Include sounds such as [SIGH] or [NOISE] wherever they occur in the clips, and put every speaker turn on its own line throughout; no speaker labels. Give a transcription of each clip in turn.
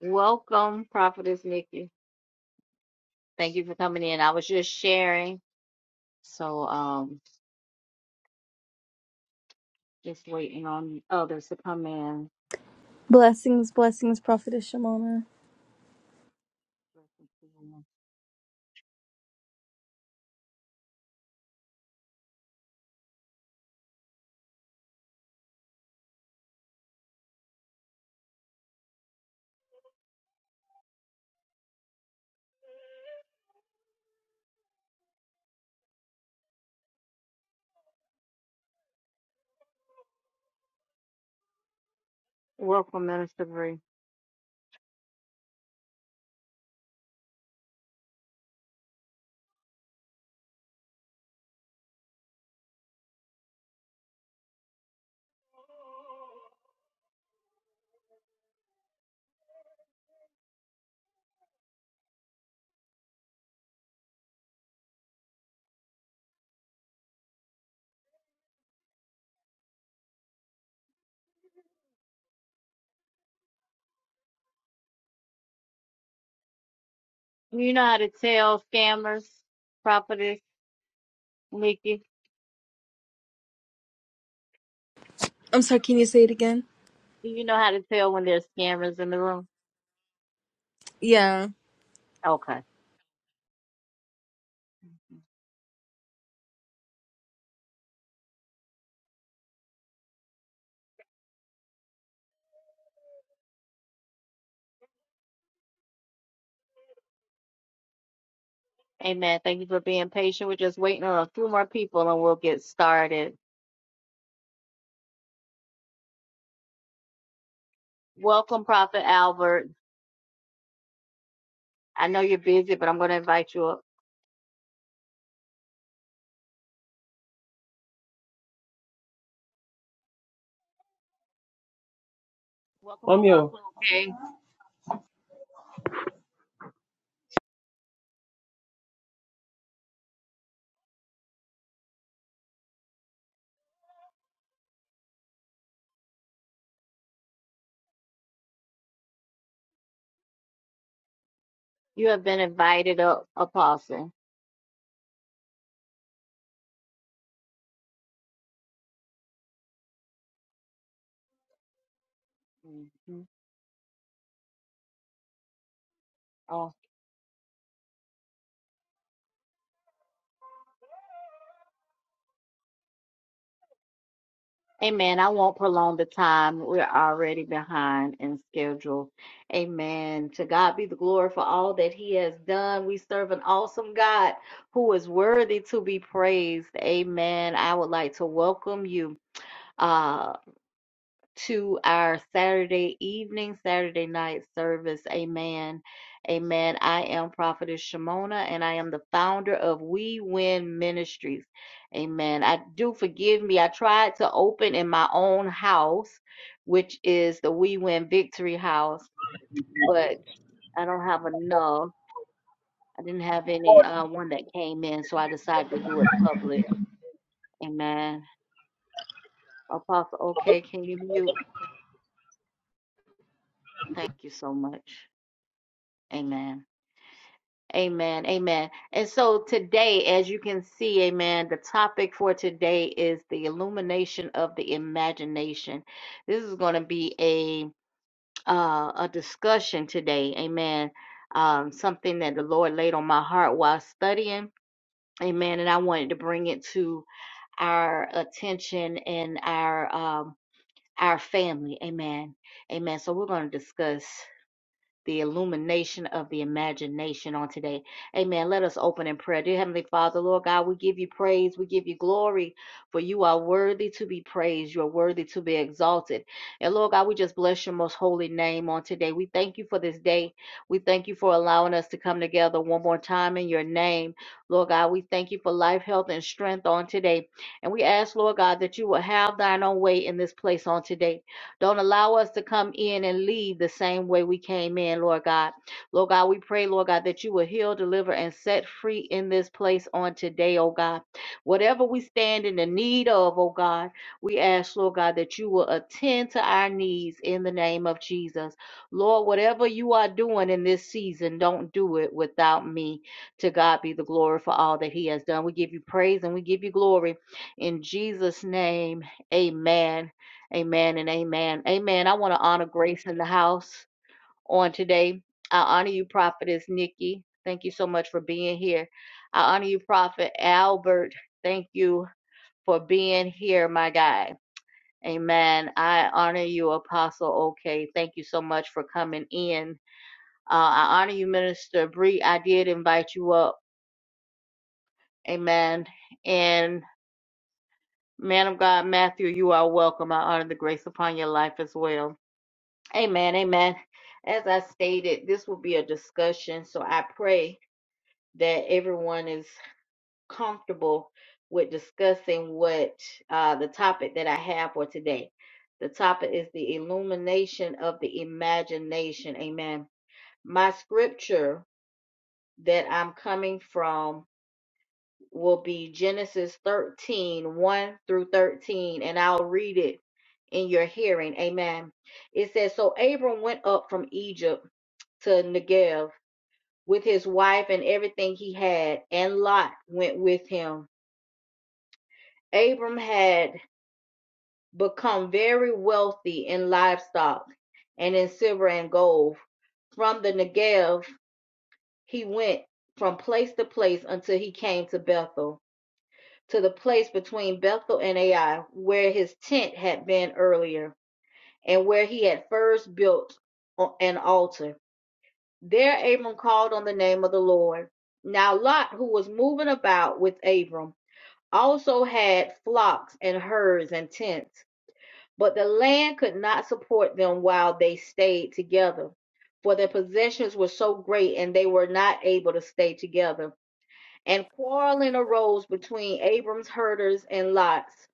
Welcome, Prophetess Nikki. Thank you for coming in. I was just sharing, so um, just waiting on others to come in.
Blessings, blessings, Prophetess Shimona.
Welcome, Minister Bree. You know how to tell scammers, Prophetess Nikki.
I'm sorry, can you say it again?
Do you know how to tell when there's scammers in the room?
Yeah,
Okay. Amen. Thank you for being patient. We're just waiting on a few more people and we'll get started. Welcome, Prophet Albert. I know you're busy, but I'm going to invite you up. Welcome,
Mommy,
Apostle. Okay. You have been invited up, Apostle. hmm Oh, amen. I won't prolong the time. We're already behind in schedule. Amen. To God be the glory for all that He has done. We serve an awesome God who is worthy to be praised. Amen. I would like to welcome you. uh, to our Saturday evening, Saturday night service. Amen. Amen. I am Prophetess Shimona and I am the founder of We Win Ministries. Amen. I do forgive me. I tried to open in my own house, which is the We Win Victory House, but I don't have enough. I didn't have any uh, one that came in, so I decided to do it public. Amen. Apostle, okay, can you mute? Thank you so much. Amen. Amen. Amen. And so today, as you can see, amen, the topic for today is the illumination of the imagination. This is going to be a uh, a discussion today. Amen. Um, something that the Lord laid on my heart while studying. Amen. And I wanted to bring it to our attention and our um, our family. Amen. Amen. So we're going to discuss the illumination of the imagination on today. Amen. Let us open in prayer. Dear Heavenly Father, Lord God, we give you praise. We give you glory, for you are worthy to be praised. You are worthy to be exalted. And Lord God, we just bless your most holy name on today. We thank you for this day. We thank you for allowing us to come together one more time in your name. Lord God, we thank you for life, health, and strength on today. And we ask, Lord God, that you will have thine own way in this place on today. Don't allow us to come in and leave the same way we came in, Lord God. Lord God, we pray, Lord God, that you will heal, deliver, and set free in this place on today, oh God. Whatever we stand in the need of, oh God, we ask, Lord God, that you will attend to our needs in the name of Jesus. Lord, whatever you are doing in this season, don't do it without me. To God be the glory for all that He has done. We give you praise and we give you glory. In Jesus' name, amen. Amen and amen. Amen. I want to honor Grace in the house on today. I honor you, Prophetess Nikki. Thank you so much for being here. I honor you, Prophet Albert. Thank you for being here, my guy. Amen. I honor you, Apostle OK. Thank you so much for coming in. Uh, I honor you, Minister Bree. I did invite you up. Amen. And man of God, Matthew, you are welcome. I honor the grace upon your life as well. Amen. Amen. As I stated, this will be a discussion, so I pray that everyone is comfortable with discussing what uh, the topic that I have for today. The topic is the illumination of the imagination. Amen. My scripture that I'm coming from will be Genesis thirteen one through 13, and I'll read it in your hearing. Amen. It says, So Abram went up from Egypt to Negev with his wife and everything he had, and Lot went with him. Abram had become very wealthy in livestock and in silver and gold. From the Negev, he went from place to place until he came to Bethel, to the place between Bethel and Ai, where his tent had been earlier, and where he had first built an altar. There Abram called on the name of the Lord. Now Lot, who was moving about with Abram, also had flocks and herds and tents, but the land could not support them while they stayed together, for their possessions were so great and they were not able to stay together. And quarreling arose between Abram's herders and Lot's.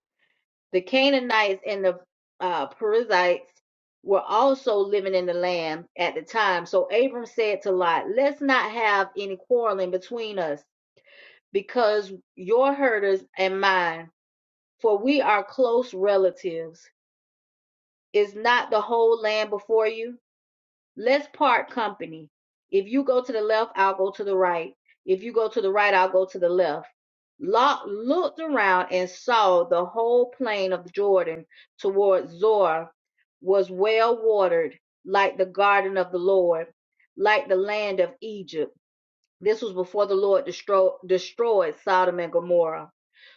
The Canaanites and the uh, Perizzites were also living in the land at the time. So Abram said to Lot, Let's not have any quarreling between us, because your herders and mine, for we are close relatives. Is not the whole land before you? Let's part company. If you go to the left, I'll go to the right. If you go to the right, I'll go to the left. Lot looked around and saw the whole plain of Jordan toward Zoar was well watered, like the garden of the Lord, like the land of Egypt. This was before the Lord destro- destroyed Sodom and Gomorrah.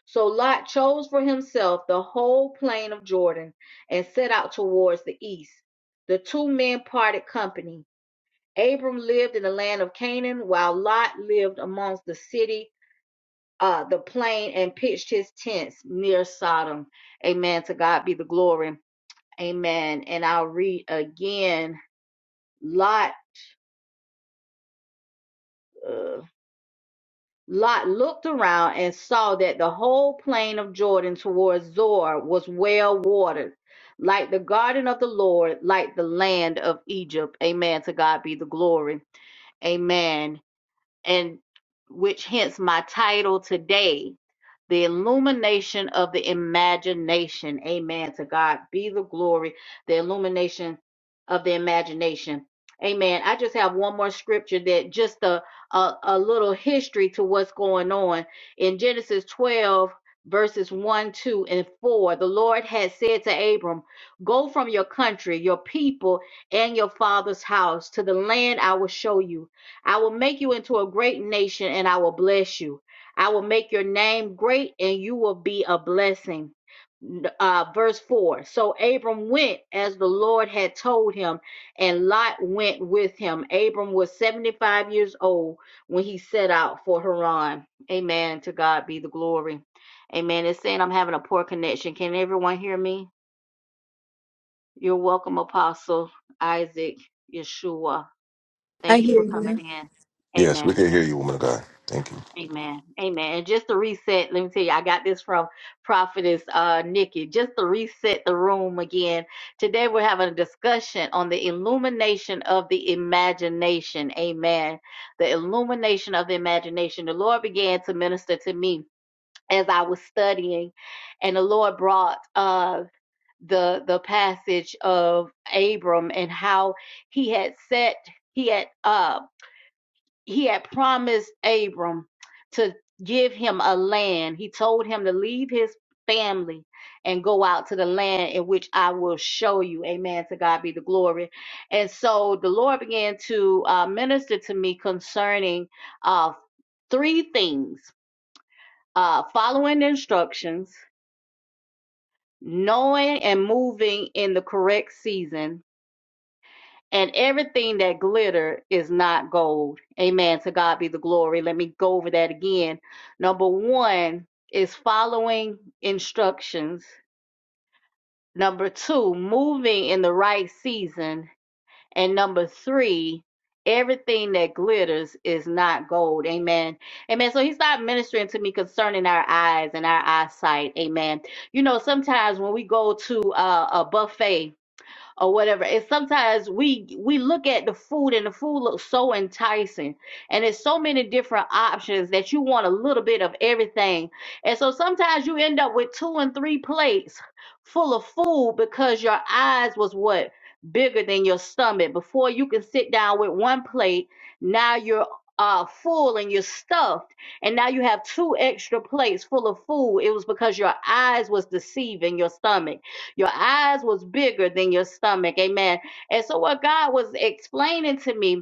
So Lot chose for himself the whole plain of Jordan and set out towards the east. The two men parted company. Abram lived in the land of Canaan, while Lot lived amongst the city, uh, the plain, and pitched his tents near Sodom. Amen. To God be the glory. Amen. And I'll read again. Lot, uh, Lot looked around and saw that the whole plain of Jordan towards Zor was well watered, like the garden of the Lord, like the land of Egypt. Amen. To God be the glory. Amen. and which hence my title today, The Illumination of the Imagination. Amen. To God be the glory, the illumination of the imagination. Amen. I just have one more scripture that just a, a, a little history to what's going on. In Genesis 12, verses 1, 2, and 4, the Lord had said to Abram, Go from your country, your people, and your father's house to the land I will show you. I will make you into a great nation and I will bless you. I will make your name great and you will be a blessing. Uh, verse 4 So Abram went as the Lord had told him, and Lot went with him. Abram was 75 years old when he set out for Haran. Amen. To God be the glory. Amen. It's saying I'm having a poor connection. Can everyone hear me? You're welcome, Apostle Isaac Yeshua.
I
Thank you
hear
for coming
you.
in.
Yes, we
Amen.
can hear you, woman of God. Thank you.
Amen. Amen. And just to reset, let me tell you, I got this from Prophetess uh, Nikki. Just to reset the room again, today we're having a discussion on the illumination of the imagination. Amen. The illumination of the imagination. The Lord began to minister to me as I was studying, and the Lord brought uh, the the passage of Abram and how he had set he had uh he had promised Abram to give him a land. He told him to leave his family and go out to the land in which I will show you. Amen. To God be the glory. And so the Lord began to uh, minister to me concerning uh, three things uh, following instructions, knowing and moving in the correct season, and everything that glitter is not gold. Amen. To God be the glory. Let me go over that again. Number one is following instructions. Number two, moving in the right season. And number three, everything that glitters is not gold. Amen. Amen. So he's not ministering to me concerning our eyes and our eyesight. Amen. You know, sometimes when we go to uh, a buffet, or whatever. And sometimes we we look at the food and the food looks so enticing. And there's so many different options that you want a little bit of everything. And so sometimes you end up with two and three plates full of food because your eyes was what bigger than your stomach. Before you can sit down with one plate, now you're uh full and you're stuffed and now you have two extra plates full of food it was because your eyes was deceiving your stomach your eyes was bigger than your stomach. Amen. And so what God was explaining to me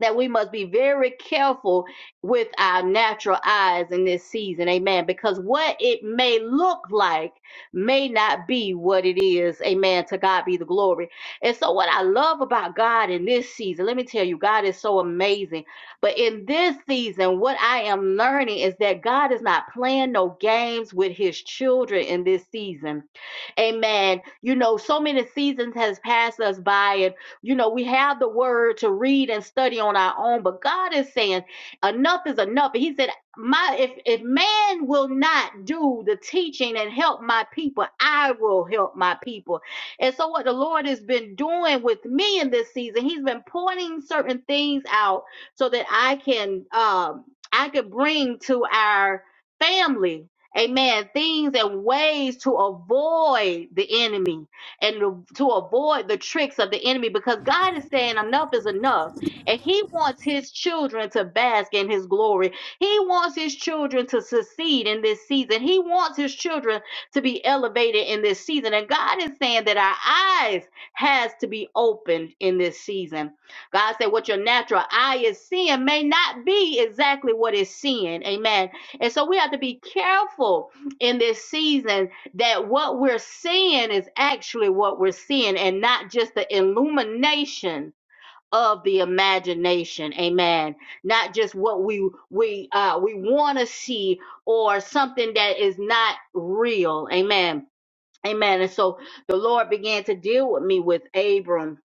that we must be very careful with our natural eyes in this season. Amen. Because what it may look like may not be what it is. Amen. To God be the glory. And so, what I love about God in this season, let me tell you, God is so amazing. But in this season, what I am learning is that God is not playing no games with his children in this season. Amen. You know, so many seasons has passed us by and. You know, we have the word to read and study on our own, but God is saying enough is enough. And He said, My if if man will not do the teaching and help my people, I will help my people. And so what the Lord has been doing with me in this season, He's been pointing certain things out so that I can um I could bring to our family, amen, things and ways to avoid the enemy and to, avoid the tricks of the enemy because God is saying enough is enough. And He wants His children to bask in His glory. He wants His children to succeed in this season. He wants His children to be elevated in this season. And God is saying that our eyes has to be opened in this season. God said, What your natural eye is seeing may not be exactly what it's seeing. Amen. And so we have to be careful in this season that what we're seeing is actually what we're seeing and not just the illumination of the imagination amen not just what we we uh we want to see or something that is not real amen amen and so the lord began to deal with me with abram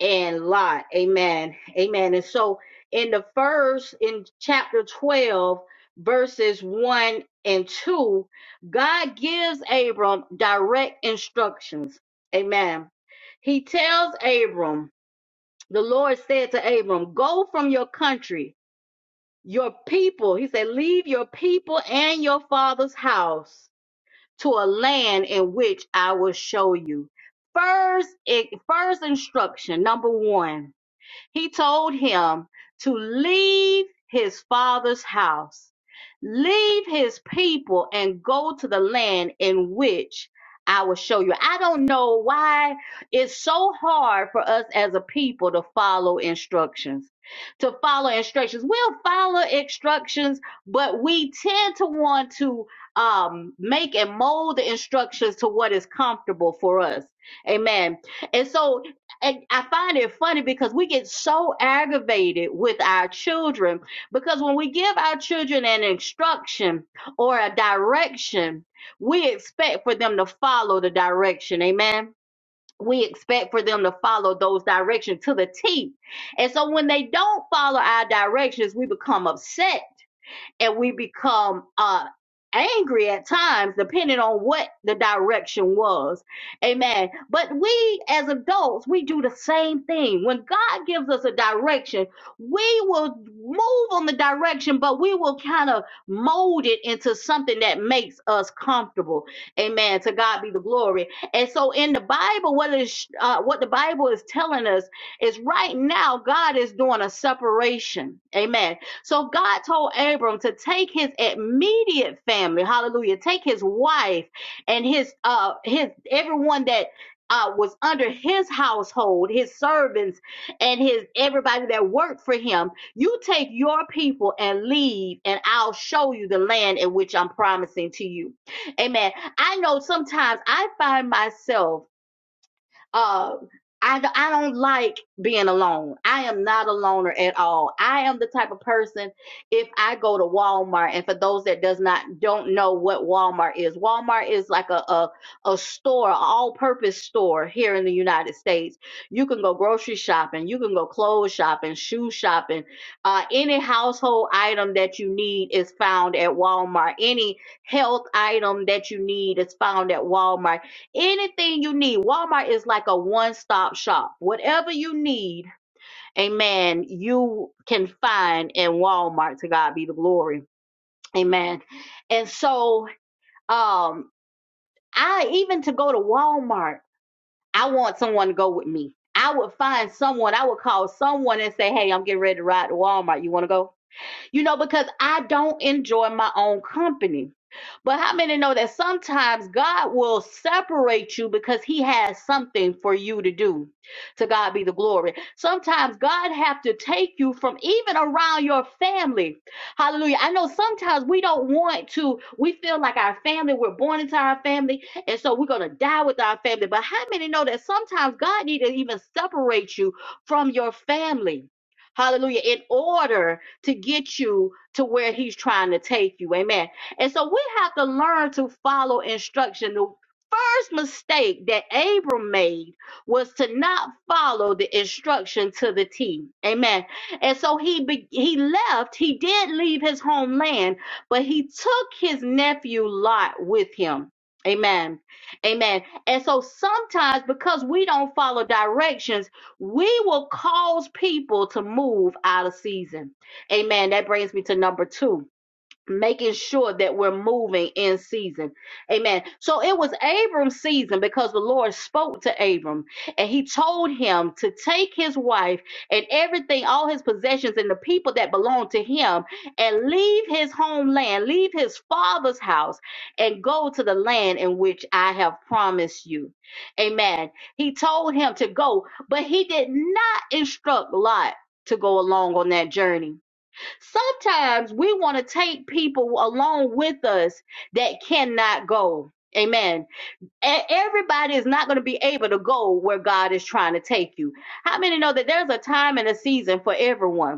and Lot. Amen. Amen. And so in the first, in chapter 12, verses 1 and 2, God gives Abram direct instructions. Amen. He tells Abram, the Lord said to Abram, Go from your country, your people. He said, Leave your people and your father's house to a land in which I will show you. First, first instruction, number one he told him to leave his father's house, leave his people, and go to the land in which I will show you. I don't know why it's so hard for us as a people to follow instructions. To follow instructions, we'll follow instructions, but we tend to want to um, make and mold the instructions to what is comfortable for us. Amen. And so and I find it funny because we get so aggravated with our children because when we give our children an instruction or a direction, we expect for them to follow the direction. Amen. We expect for them to follow those directions to the T. And so when they don't follow our directions, we become upset and we become uh angry at times depending on what the direction was amen but we as adults we do the same thing when god gives us a direction we will move on the direction but we will kind of mold it into something that makes us comfortable amen to god be the glory and so in the bible what is uh, what the bible is telling us is right now god is doing a separation amen so God told Abram to take his immediate family, hallelujah, take his wife and his uh his everyone that uh, was under his household, his servants, and his everybody that worked for him. You take your people and leave, and I'll show you the land in which I'm promising to you. Amen. I know sometimes I find myself um, I, I don't like being alone. I am not a loner at all. I am the type of person if I go to Walmart and for those that does not don't know what Walmart is, Walmart is like a a, a store, all purpose store here in the United States. You can go grocery shopping, you can go clothes shopping, shoe shopping, uh, any household item that you need is found at Walmart. Any health item that you need is found at Walmart anything you need. Walmart is like a one stop shop. Whatever you need, amen, you can find in Walmart. To God be the glory. Amen. And so, um, I even to go to Walmart, I want someone to go with me. I would find someone, I would call someone and say, Hey, I'm getting ready to ride to Walmart. You want to go? you know, because I don't enjoy my own company. But how many know that sometimes God will separate you because he has something for you to do. To God be the glory. Sometimes God have to take you from even around your family. Hallelujah. I know sometimes we don't want to, we feel like our family, we're born into our family, and so we're going to die with our family. But how many know that sometimes God need to even separate you from your family? Hallelujah. In order to get you to where he's trying to take you. Amen. And so we have to learn to follow instruction. The first mistake that Abram made was to not follow the instruction to the T. Amen. And so he be- he left, he did leave his homeland, but he took his nephew Lot with him. Amen. Amen. And so sometimes because we don't follow directions, we will cause people to move out of season. Amen. That brings me to number two, making sure that we're moving in season. Amen. So it was Abram's season because the Lord spoke to Abram and he told him to take his wife and everything, all his possessions and the people that belonged to him, and leave his homeland, leave his father's house, and go to the land in which I have promised you. Amen. He told him to go, but he did not instruct Lot to go along on that journey Sometimes we want to take people along with us that cannot go. Amen. And everybody is not going to be able to go where God is trying to take you. How many know that there's a time and a season for everyone?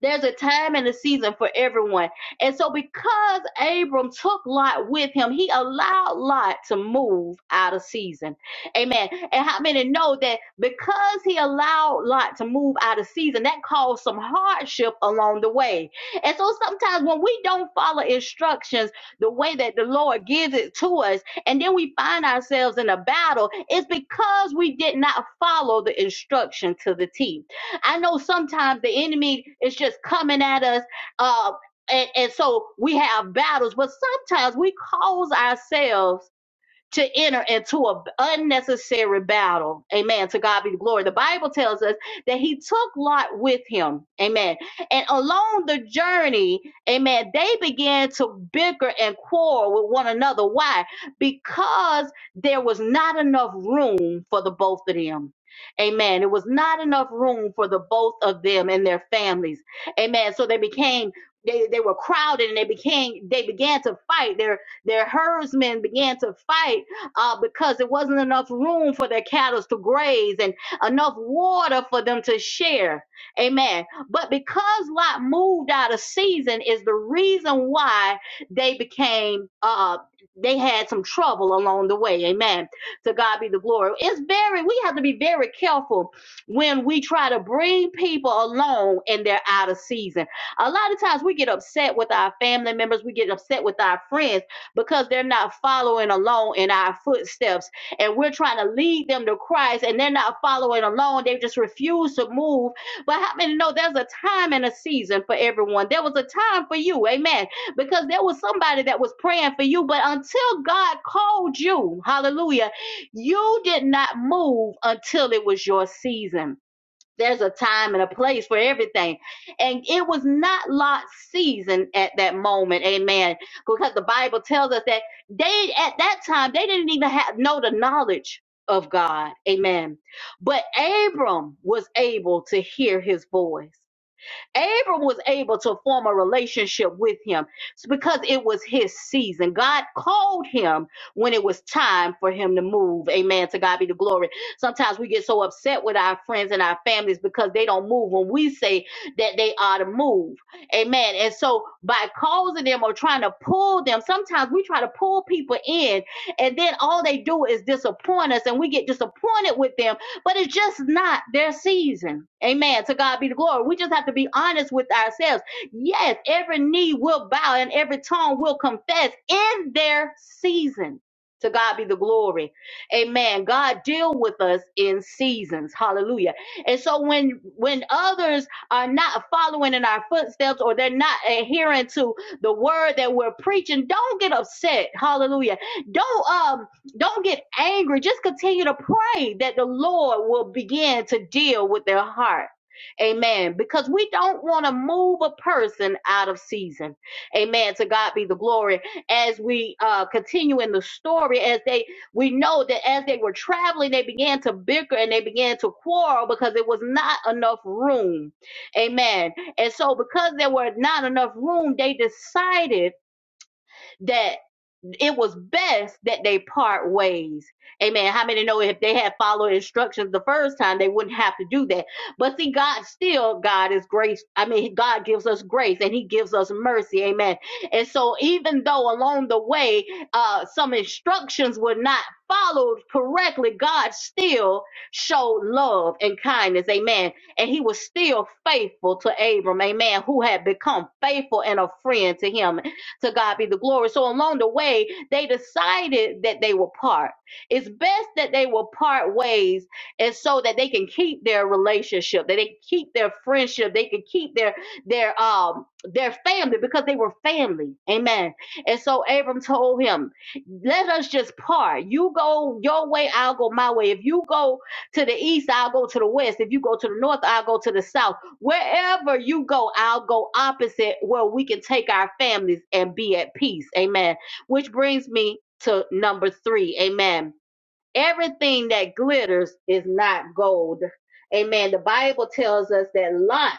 There's a time and a season for everyone. And so, because Abram took Lot with him, he allowed Lot to move out of season. Amen. And how many know that because he allowed Lot to move out of season, that caused some hardship along the way? And so, sometimes when we don't follow instructions the way that the Lord gives it to us, and then we find ourselves in a battle, it's because we did not follow the instruction to the T. I know sometimes the enemy is just coming at us. Uh, and, and so we have battles, but sometimes we cause ourselves to enter into an unnecessary battle. Amen. To God be the glory. The Bible tells us that he took Lot with him. Amen. And along the journey, amen, they began to bicker and quarrel with one another. Why? Because there was not enough room for the both of them. Amen. It was not enough room for the both of them and their families. Amen. So they became they, they were crowded and they became they began to fight. Their their herdsmen began to fight uh, because there wasn't enough room for their cattle to graze and enough water for them to share. Amen. But because Lot moved out of season is the reason why they became uh they had some trouble along the way. Amen. To God be the glory. It's very we have to be very careful when we try to bring people along and they're out of season. A lot of times we get upset with our family members, we get upset with our friends because they're not following along in our footsteps. And we're trying to lead them to Christ and they're not following along. They just refuse to move. But how many know there's a time and a season for everyone? There was a time for you, amen, because there was somebody that was praying for you. But until God called you, hallelujah, you did not move until it was your season there's a time and a place for everything. And it was not Lot's season at that moment, amen. Because the Bible tells us that they at that time they didn't even have know the knowledge of God. Amen. But Abram was able to hear his voice. Abram was able to form a relationship with him because it was his season. God called him when it was time for him to move. Amen. To God be the glory. Sometimes we get so upset with our friends and our families because they don't move when we say that they ought to move. Amen. And so by causing them or trying to pull them, sometimes we try to pull people in and then all they do is disappoint us and we get disappointed with them but it's just not their season. Amen. To God be the glory. We just have to be honest with ourselves. Yes, every knee will bow and every tongue will confess in their season. To God be the glory. Amen. God deal with us in seasons. Hallelujah. And so when when others are not following in our footsteps or they're not adhering to the word that we're preaching, don't get upset. Hallelujah. Don't uh, don't get angry. Just continue to pray that the Lord will begin to deal with their heart. Amen. Because we don't want to move a person out of season. Amen. To God be the glory. As we uh, continue in the story, as they, we know that as they were traveling, they began to bicker and they began to quarrel because there was not enough room. Amen. And so, because there were not enough room, they decided that it was best that they part ways. Amen. How many know if they had followed instructions the first time, they wouldn't have to do that. But see, God still, God is grace. I mean, God gives us grace and He gives us mercy. Amen. And so, even though along the way, uh, some instructions were not followed correctly, God still showed love and kindness. Amen. And He was still faithful to Abram. Amen. Who had become faithful and a friend to him to God be the glory. So along the way, they decided that they were part. It's best that they will part ways and so that they can keep their relationship, that they can keep their friendship, they can keep their their um their family because they were family. Amen. And so Abram told him, Let us just part. You go your way, I'll go my way. If you go to the east, I'll go to the west. If you go to the north, I'll go to the south. Wherever you go, I'll go opposite where we can take our families and be at peace. Amen. Which brings me to number three. Amen. Everything that glitters is not gold. Amen. The Bible tells us that Lot,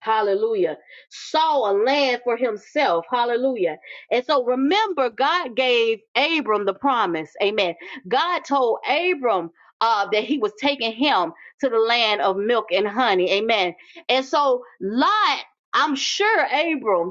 hallelujah, saw a land for himself. Hallelujah. And so remember, God gave Abram the promise. Amen. God told Abram uh, that he was taking him to the land of milk and honey. Amen. And so Lot, I'm sure Abram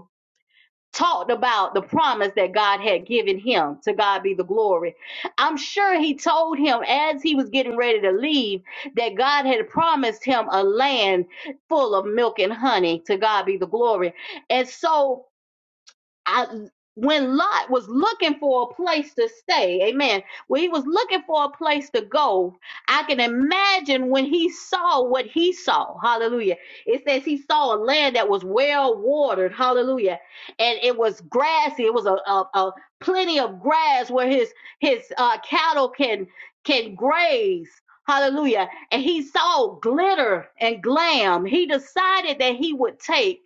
talked about the promise that God had given him. To God be the glory. I'm sure he told him as he was getting ready to leave that God had promised him a land full of milk and honey. To God be the glory. And so I, when Lot was looking for a place to stay, amen, when he was looking for a place to go, I can imagine when he saw what he saw, hallelujah. It says he saw a land that was well watered, hallelujah, and it was grassy, it was a, a, a plenty of grass where his his uh, cattle can can graze. Hallelujah. And he saw glitter and glam. He decided that he would take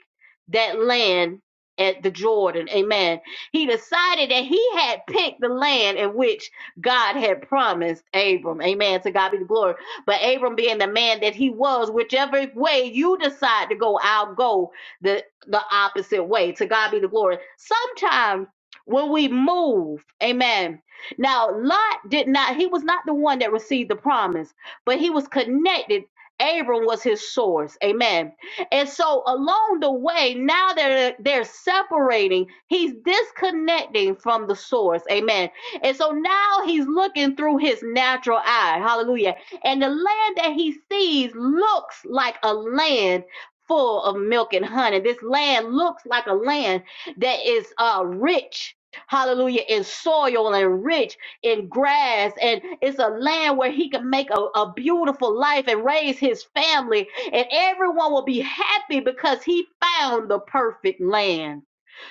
that land at the Jordan. Amen. He decided that he had picked the land in which God had promised Abram. Amen. To God be the glory. But Abram being the man that he was, whichever way you decide to go, I'll go the the opposite way. To God be the glory. Sometimes when we move, amen. Now, Lot did not, he was not the one that received the promise, but he was connected. Abram was his source. Amen and so along the way, now they're they're separating. He's disconnecting from the source. Amen. And so now he's looking through his natural eye. Hallelujah. And the land that he sees looks like a land full of milk and honey. This land looks like a land that is uh rich. Hallelujah, in soil and rich in grass, and it's a land where he can make a, a beautiful life and raise his family and everyone will be happy because he found the perfect land.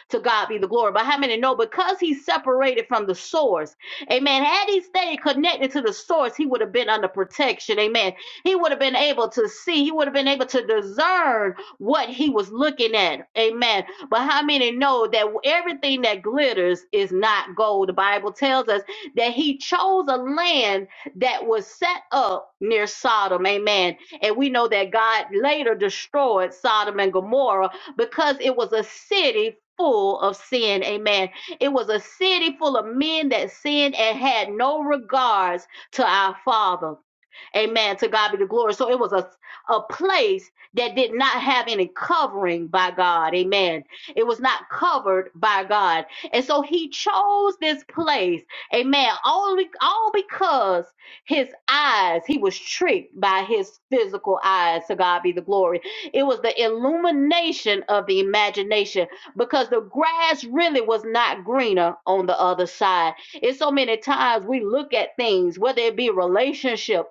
To God be the glory. But how many know because he separated from the source? Amen. Had he stayed connected to the source, he would have been under protection. Amen. He would have been able to see. He would have been able to discern what he was looking at. Amen. But how many know that everything that glitters is not gold? The Bible tells us that he chose a land that was set up near Sodom. Amen. And we know that God later destroyed Sodom and Gomorrah because it was a city full of sin. Amen. It was a city full of men that sinned and had no regards to our Father. Amen. To God be the glory. So it was a, a place that did not have any covering by God. Amen. It was not covered by God. And so he chose this place. Amen. All, all because his eyes, he was tricked by his physical eyes. To God be the glory. It was the illumination of the imagination because the grass really was not greener on the other side. It's so many times we look at things, whether it be relationship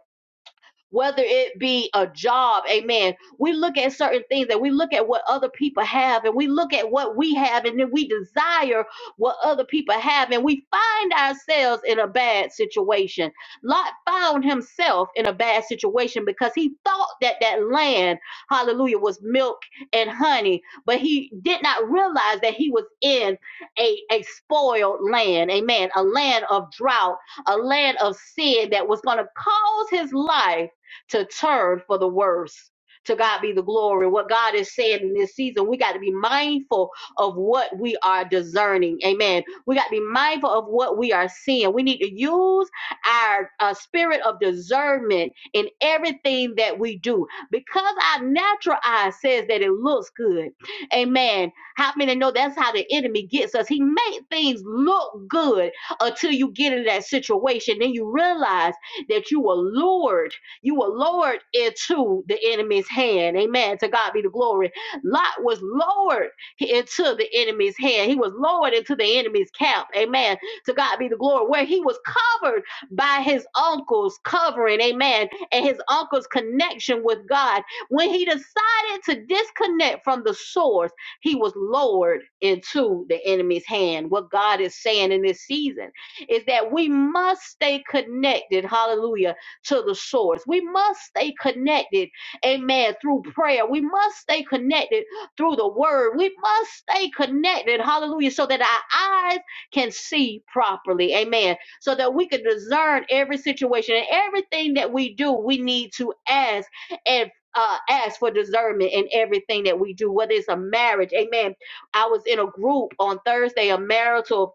whether it be a job, amen. We look at certain things and we look at what other people have and we look at what we have and then we desire what other people have and we find ourselves in a bad situation. Lot found himself in a bad situation because he thought that that land, hallelujah, was milk and honey, but he did not realize that he was in a, a spoiled land, amen, a land of drought, a land of sin that was going to cause his life to turn for the worse. To God be the glory. What God is saying in this season, we got to be mindful of what we are discerning. Amen. We got to be mindful of what we are seeing. We need to use our uh, spirit of discernment in everything that we do because our natural eye says that it looks good. Amen. How many know that's how the enemy gets us? He makes things look good until you get in that situation. Then you realize that you were lured you were lowered into the enemy's hand. Amen. To God be the glory. Lot was lowered into the enemy's hand. He was lowered into the enemy's camp. Amen. To God be the glory. Where he was covered by his uncle's covering. Amen. And his uncle's connection with God. When he decided to disconnect from the source, he was lowered into the enemy's hand. What God is saying in this season is that we must stay connected. Hallelujah to the source. We must stay connected, amen, through prayer. We must stay connected through the word. We must stay connected, hallelujah, so that our eyes can see properly, amen, so that we can discern every situation and everything that we do. We need to ask and uh, ask for discernment in everything that we do, whether it's a marriage, amen. I was in a group on Thursday, a marital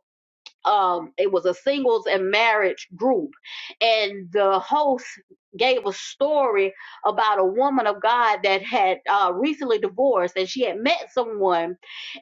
um it was a singles and marriage group and the host gave a story about a woman of god that had uh recently divorced and she had met someone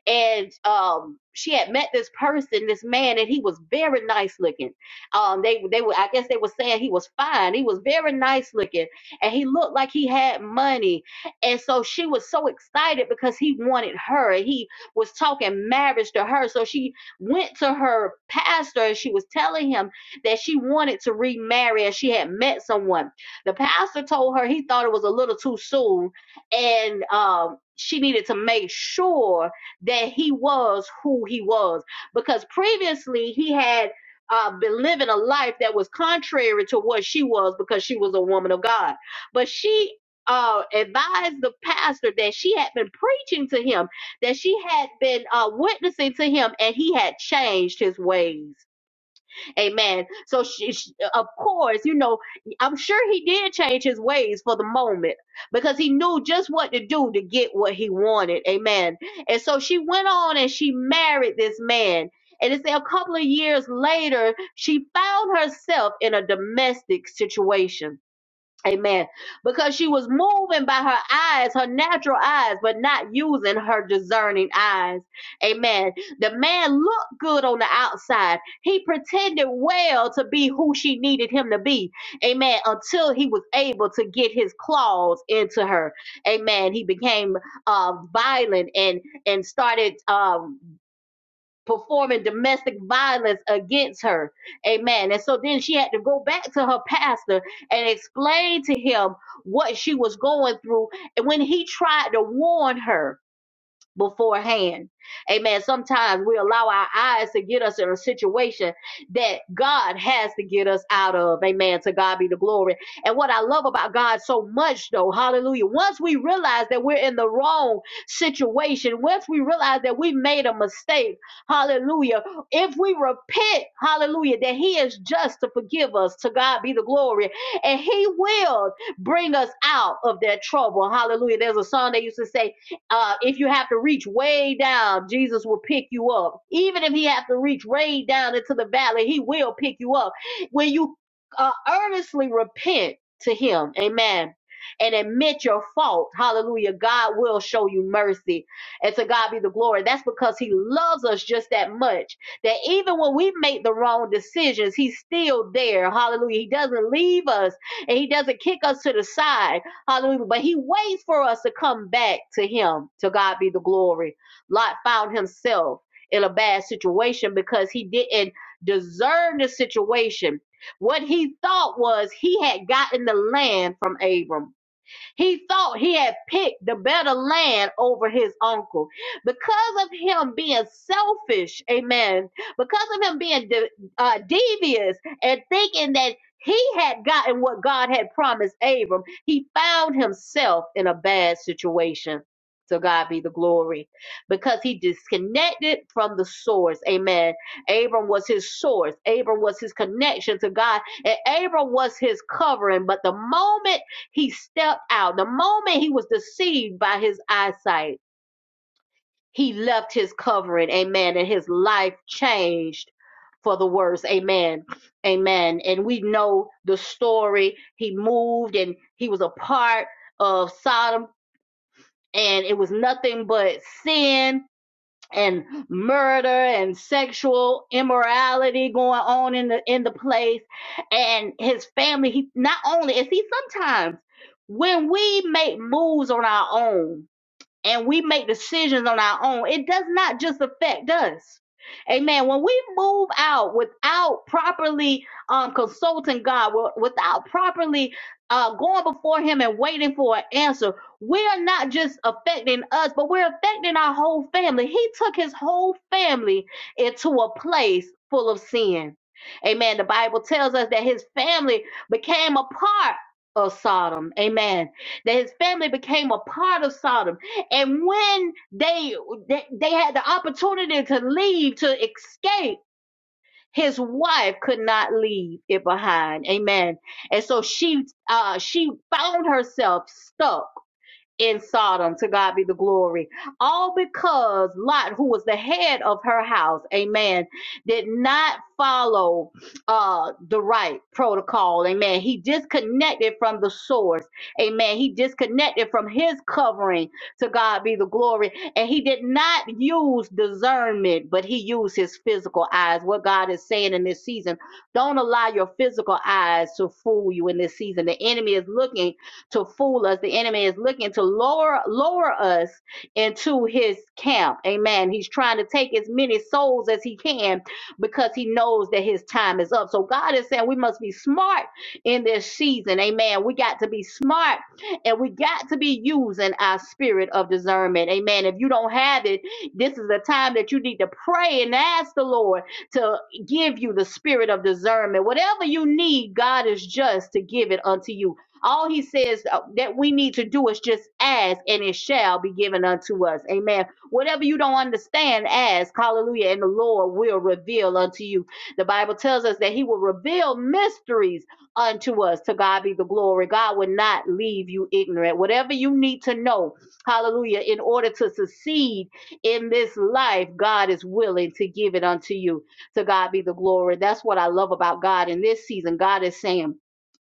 and um she had met this person, this man, and he was very nice looking. Um, they they were I guess they were saying he was fine. He was very nice looking, and he looked like he had money. And so she was so excited because he wanted her. and He was talking marriage to her. So she went to her pastor and she was telling him that she wanted to remarry and she had met someone. The pastor told her he thought it was a little too soon, and um, she needed to make sure that he was who he was because previously he had uh, been living a life that was contrary to what she was because she was a woman of God. But she uh, advised the pastor that she had been preaching to him, that she had been uh, witnessing to him, and he had changed his ways Amen. So, she, she- of course, you know, I'm sure he did change his ways for the moment because he knew just what to do to get what he wanted. Amen. And so she went on and she married this man. And it's a couple of years later, she found herself in a domestic situation Amen. Because she was moving by her eyes, her natural eyes, but not using her discerning eyes. Amen. The man looked good on the outside. He pretended well to be who she needed him to be. Amen. Until he was able to get his claws into her. Amen. He became uh, violent and and started. Um, performing domestic violence against her. Amen. And so then she had to go back to her pastor and explain to him what she was going through. And when he tried to warn her, beforehand. Amen. Sometimes we allow our eyes to get us in a situation that God has to get us out of. Amen. To God be the glory. And what I love about God so much, though, hallelujah, once we realize that we're in the wrong situation, once we realize that we made a mistake, hallelujah, if we repent, hallelujah, that He is just to forgive us. To God be the glory. And He will bring us out of that trouble. Hallelujah. There's a song they used to say, uh, if you have to reach way down, Jesus will pick you up. Even if he has to reach way down into the valley, he will pick you up. When you uh, earnestly repent to him, amen, and admit your fault, hallelujah, God will show you mercy. And to God be the glory. That's because he loves us just that much that even when we make the wrong decisions, he's still there, hallelujah. He doesn't leave us and he doesn't kick us to the side Hallelujah. But he waits for us to come back to him. To God be the glory. Lot found himself in a bad situation because he didn't deserve the situation. What he thought was he had gotten the land from Abram. He thought he had picked the better land over his uncle. Because of him being selfish, amen, because of him being de- uh, devious and thinking that he had gotten what God had promised Abram, he found himself in a bad situation. To God be the glory because he disconnected from the source. Amen. Abram was his source. Abram was his connection to God. And Abram was his covering. But the moment he stepped out. The moment he was deceived by his eyesight, he left his covering. Amen. And his life changed for the worse. Amen. Amen. And we know the story. He moved and he was a part of Sodom, and it was nothing but sin and murder and sexual immorality going on in the in the place and his family he not only and see sometimes when we make moves on our own and we make decisions on our own, it does not just affect us. Amen. When we move out without properly um, consulting God, wi- without properly uh, going before Him and waiting for an answer, we are not just affecting us, but we're affecting our whole family. He took His whole family into a place full of sin. Amen. The Bible tells us that His family became a part of Sodom. Amen. That His family became a part of Sodom. And when they they, they had the opportunity to leave to escape, his wife could not leave it behind. Amen. And so she uh she found herself stuck in Sodom. To God be the glory. All because Lot, who was the head of her house, amen, did not follow uh, the right protocol, amen. He disconnected from the source, amen. He disconnected from his covering. To God be the glory. And he did not use discernment, but he used his physical eyes. What God is saying in this season, don't allow your physical eyes to fool you in this season. The enemy is looking to fool us. The enemy is looking to lower lower us into his camp. Amen. He's trying to take as many souls as he can because he knows that his time is up. So God is saying we must be smart in this season. Amen. We got to be smart and we got to be using our spirit of discernment. Amen. If you don't have it, this is the time that you need to pray and ask the Lord to give you the spirit of discernment. Whatever you need, God is just to give it unto you. All he says uh, that we need to do is just ask, and it shall be given unto us. Amen. Whatever you don't understand, ask. Hallelujah. And the Lord will reveal unto you. The Bible tells us that he will reveal mysteries unto us. To God be the glory. God will not leave you ignorant. Whatever you need to know, hallelujah, in order to succeed in this life, God is willing to give it unto you. To God be the glory. That's what I love about God in this season. God is saying,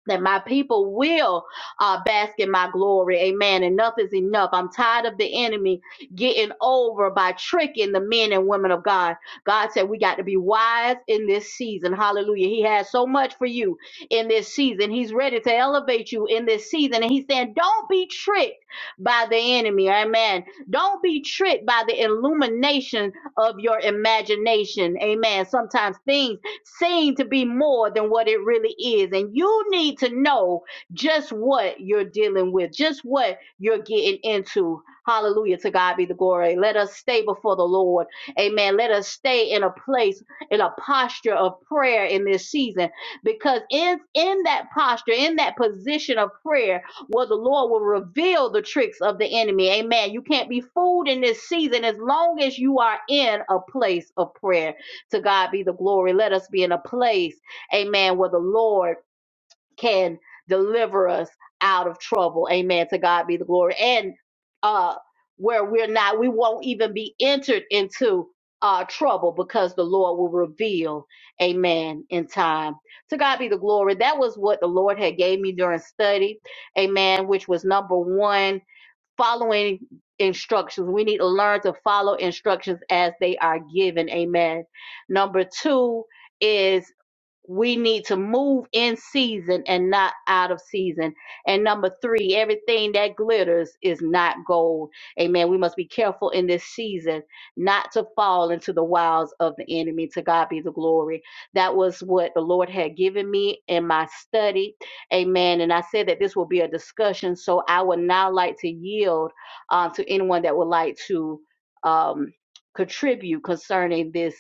that my people will uh, bask in my glory. Amen. Enough is enough. I'm tired of the enemy getting over by tricking the men and women of God. God said we got to be wise in this season. Hallelujah. He has so much for you in this season. He's ready to elevate you in this season. And he's saying, don't be tricked by the enemy. Amen. Don't be tricked by the illumination of your imagination. Amen. Sometimes things seem to be more than what it really is. And you need to know just what you're dealing with, just what you're getting into. Hallelujah. To God be the glory. Let us stay before the Lord. Amen. Let us stay in a place, in a posture of prayer in this season. Because in, in that posture, in that position of prayer, where the Lord will reveal the tricks of the enemy. Amen. You can't be fooled in this season as long as you are in a place of prayer. To God be the glory. Let us be in a place, amen, where the Lord can deliver us out of trouble. Amen. To God be the glory. And uh where we're not, we won't even be entered into uh trouble because the Lord will reveal, amen, in time. To God be the glory. That was what the Lord had gave me during study. Amen, which was number one following instructions. We need to learn to follow instructions as they are given. Amen. Number two is we need to move in season and not out of season. And number three, everything that glitters is not gold. Amen. We must be careful in this season not to fall into the wiles of the enemy. To God be the glory. That was what the Lord had given me in my study. Amen. And I said that this will be a discussion. So I would now like to yield um, to anyone that would like to um, contribute concerning this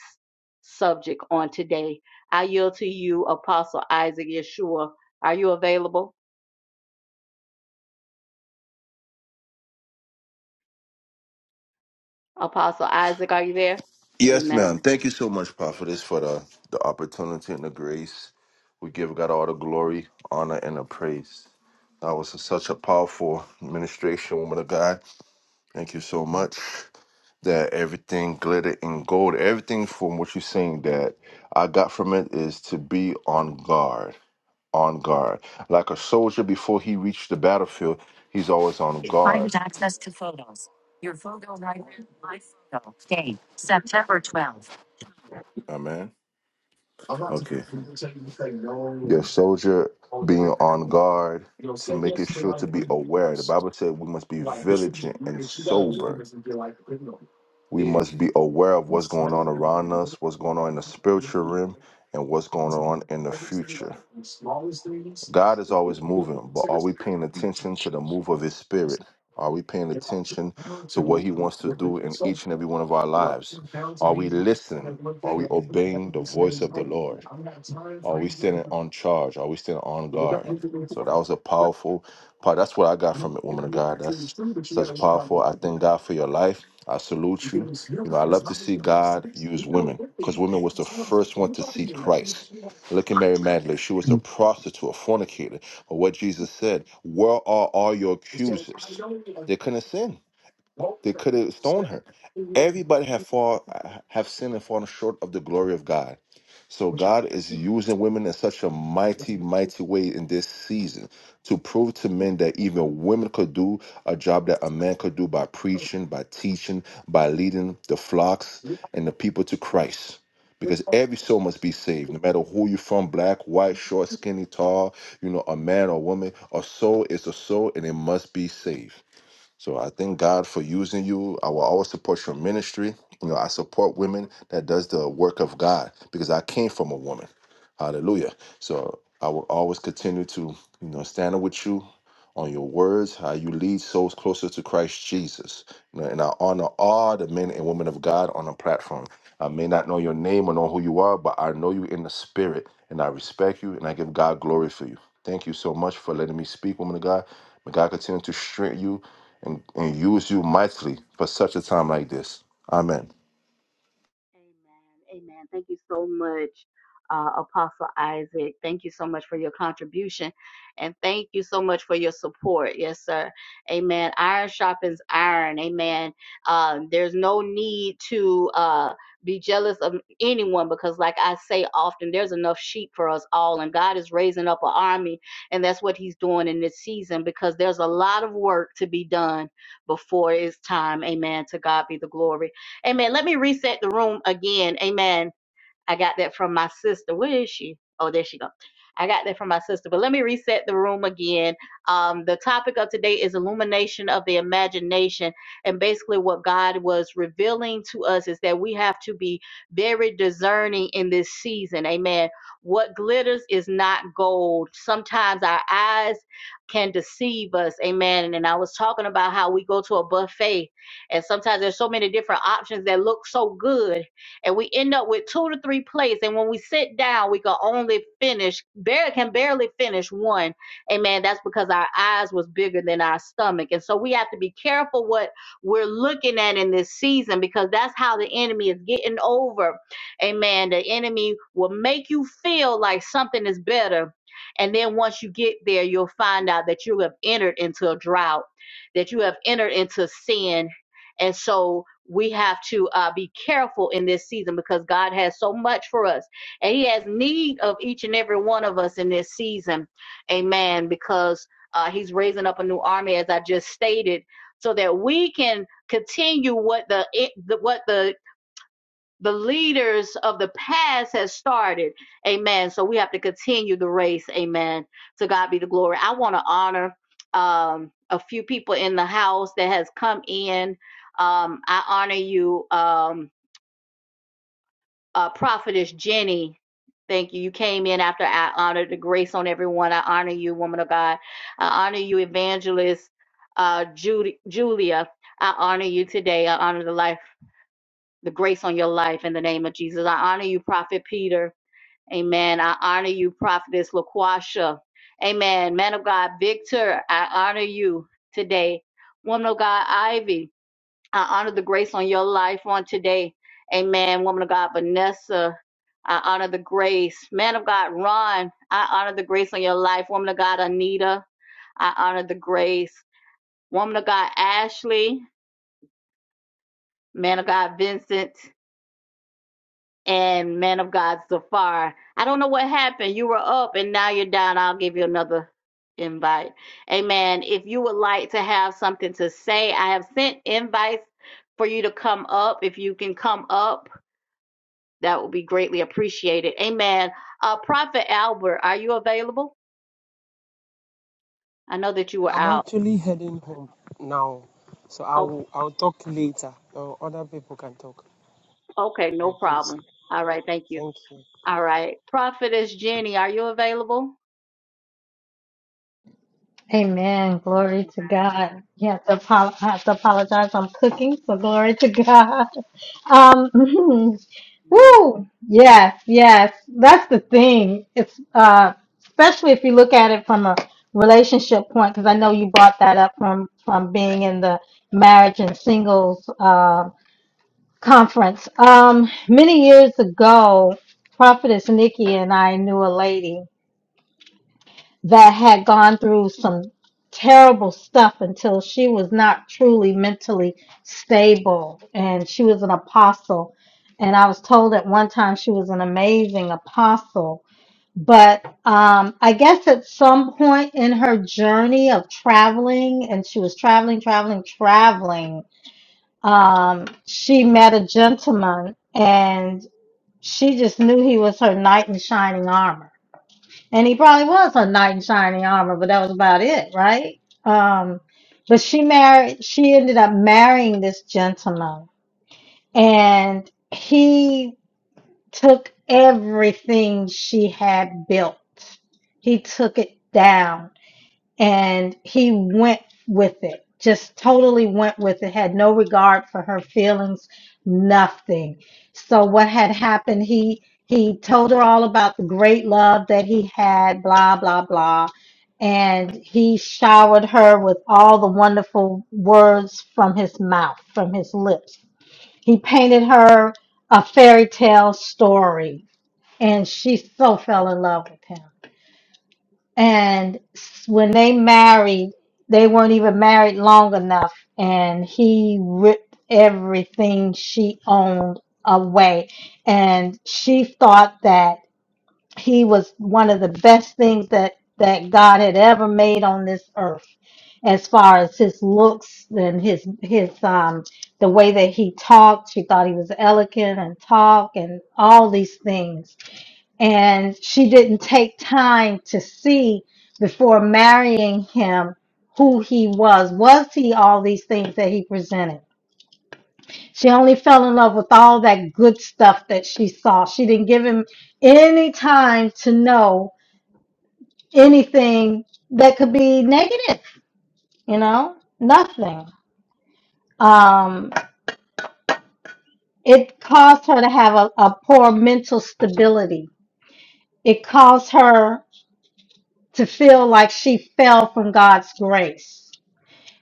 subject on today. I yield to you, Apostle Isaac Yeshua. Are you available? Apostle Isaac, are you there?
Yes,
Amen.
ma'am. Thank you so much, prophetess, for the, the opportunity and the grace. We give God all the glory, honor, and the praise. That was such a powerful ministration, woman of God. Thank you so much. That everything glittered in gold. Everything from what you're saying that I got from it is to be on guard. On guard. Like a soldier before he reached the battlefield, he's always on
It
guard.
Private access to photos. Your photo library. My photo. Date. September 12th.
Amen.
i I'm not
Okay.
didn't to to to to to say No, and And
your
and
soldier
hold
being
everything.
on
You
guard
you you you you you You know, know,
to
say
making
yes to the
sure
right
to be
thing, Of
aware. The
course,
Bible said we must be
like this this be
vigilant
weird.
and
And you got to live
sober.
this and be like, you know,
We
if
must be aware of
you
what's going
study
on
and
around
you
us, what's going on in the spiritual
know,
realm, and what's going
it's
on in the
Every single
future.
one the the smallest things.
God is
if
always
you didn't
moving, but
consider
are we
something,
paying attention to the move of His Spirit? Are we paying
it all comes
attention
down
to what
to
He wants to do in
religion.
each and every one of our
Well,
lives?
parents and
Are
me,
we listening?
that one
Are
thing,
we
that one thing, that
obeying the
one
voice
saying,
of the
no,
Lord?
I'm not time
Are
for
we
you.
standing on charge? Are we standing on
You know, don't
guard?
want to go
So
for
that
it.
was a
Yeah,
powerful part. That's what I got
You know,
from it,
you're
woman of
gonna be
God.
absolutely
That's
true, but you gotta
such
live by
powerful.
those
I
things.
thank God for your life. I salute you.
Because your
You know, I
life is
love to
not going
see
to waste
God
time.
use
Even on
women
good
because
things,
women
you're
was
not
the
telling,
first
if
one
you're
to
talking
see
to me, that's what
Christ.
you're
Look at Mary Magdalene. She was a
doing.
prostitute, a fornicator. But what Jesus said, where are all your
And so I
accusers?
know, like,
They couldn't sin
what was
they
that?
could
thing
have
I said?
stoned
I
her.
didn't really
Everybody have
know.
fall have sinned and fallen short of the glory of God. So God is using women in such a mighty, mighty way in this season to prove to men that even women could do a job that a man could do by preaching, by teaching, by leading the flocks and the people to Christ.
But
Because
you're-
every soul must be saved, no matter who you're from, black, white, short, skinny, tall, you know, a man or woman, a soul is a soul and it must be saved. So I thank God for using you. I will always support your ministry. You know, I support women that does the work of God because I came from a woman. Hallelujah. So I will always continue to, you know, stand with you on your words, how you lead souls closer to Christ Jesus. You know, And I honor all the men and women of God on the platform. I may not know your name or know who you are, but I know you in the spirit, and I respect you, and I give God glory for you. Thank you so much for letting me speak, woman of God. May God continue to strengthen you and, and use you mightily for such a time like this. Amen.
Amen. Amen. Thank you so much, uh, Apostle Isaac. Thank you so much for your contribution. And thank you so much for your support. Yes, sir. Amen. Iron sharpens iron. Amen. Um, there's no need to uh, be jealous of anyone because, like I say often, there's enough sheep for us all. And God is raising up an army. And that's what He's doing in this season because there's a lot of work to be done before it's time. Amen. To God be the glory. Amen. Let me reset the room again. Amen. I got that from my sister. Where is she? Oh, there she go. I got that from my sister. But let me reset the room again. Um, the topic of today is illumination of the imagination. And basically, what God was revealing to us is that we have to be very discerning in this season. Amen. What glitters is not gold. Sometimes our eyes can deceive us. Amen. And I was talking about how we go to a buffet, and sometimes there's so many different options that look so good and we end up with two to three plays. And when we sit down, we can only finish, barely can barely finish one. Amen. That's because our eyes was bigger than our stomach, and so we have to be careful what we're looking at in this season because that's how the enemy is getting over. Amen. The enemy will make you feel like something is better. And then once you get there, you'll find out that you have entered into a drought, that you have entered into sin, and so we have to uh, be careful in this season because God has so much for us. And He has need of each and every one of us in this season. Amen. Because uh, He's raising up a new army, as I just stated, so that we can continue what the, it, the what the the leaders of the past has started. Amen. So we have to continue the race. Amen. To God be the glory. I want to honor um, a few people in the house that has come in. Um, I honor you, um, uh, Prophetess Jenny. Thank you. You came in after I honored the grace on everyone. I honor you, woman of God. I honor you, Evangelist uh, Judy, Julia. I honor you today. I honor the life the grace on your life in the name of Jesus. I honor you, Prophet Peter. Amen. I honor you, Prophetess Laquasha. Amen. Man of God, Victor, I honor you today. Woman of God, Ivy, I honor the grace on your life on today. Amen. Woman of God, Vanessa, I honor the grace. Man of God, Ron, I honor the grace on your life. Woman of God, Anita, I honor the grace. Woman of God, Ashley, man of God, Vincent, and man of God Zafar. I don't know what happened. You were up and now you're down. I'll give you another invite. Amen. If you would like to have something to say, I have sent invites for you to come up. If you can come up, that would be greatly appreciated. Amen. Uh, Prophet Albert, are you available? I know that you were
I'm
out.
actually heading home now, so
Oh,
I'll I'll talk later. Or other people can talk.
okay, no
Right, please.
problem. All right, thank you.
Thank you.
All right. Prophetess Jenny, are you available?
Amen. Glory to
Amen.
God. You have to, apo- I have to apologize. I'm cooking, so glory to God. Um, [LAUGHS]
Okay.
woo. Yes, yes. That's the thing. It's uh, especially if you look at it from a relationship point, because I know you brought that up from from being in the marriage and singles uh, conference. Um, many years ago, Prophetess Nikki and I knew a lady that had gone through some terrible stuff until she was not truly mentally stable and she was an apostle and i was told at one time she was an amazing apostle but um, i guess at some point in her journey of traveling and she was traveling traveling traveling um, she met a gentleman and she just knew he was her knight in shining armor and he probably was a knight in shining armor, but that was about it, right? Um, but she married, she ended up marrying this gentleman, and he took everything she had built. He took it down and he went with it just totally went with it had no regard for her feelings nothing so what had happened he he told her all about the great love that he had blah blah blah and he showered her with all the wonderful words from his mouth from his lips he painted her a fairy tale story and she so fell in love with him and s- when they married, they weren't even married long enough, and he ripped everything she owned away. And she thought that he was one of the best things that that God had ever made on this earth, as far as his looks and his his um the way that he talked. She thought he was elegant and talk and all these things and she didn't take time to see before marrying him who he was. Was he all these things that he presented? She only fell in love with all that good stuff that she saw. She didn't give him any time to know anything that could be negative, you know, nothing. Um, it caused her to have a, a poor mental stability. It caused her to feel like she fell from God's grace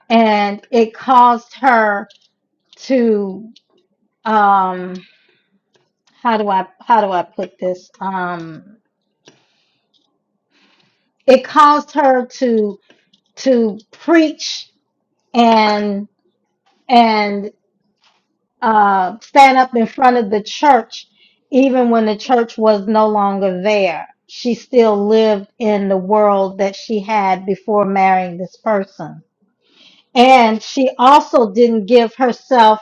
and it caused her to um how do i how do i put this um it caused her to to preach and and uh stand up in front of the church even when the church was no longer there she still lived in the world that she had before marrying this person and she also didn't give herself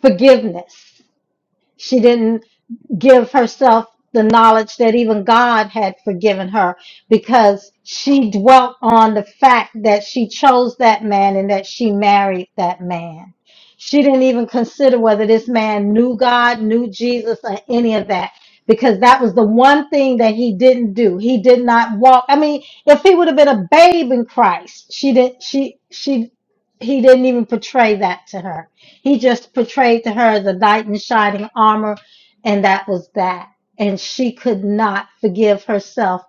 forgiveness She didn't give herself the knowledge that even God had forgiven her because she dwelt on the fact that she chose that man and that she married that man. She didn't even consider whether this man knew God, knew Jesus, or any of that because that was the one thing that he didn't do. He did not walk. I mean, if he would have been a babe in Christ, she didn't she she he didn't even portray that to her he just portrayed to her the knight in shining armor, and that was that. And she could not forgive herself.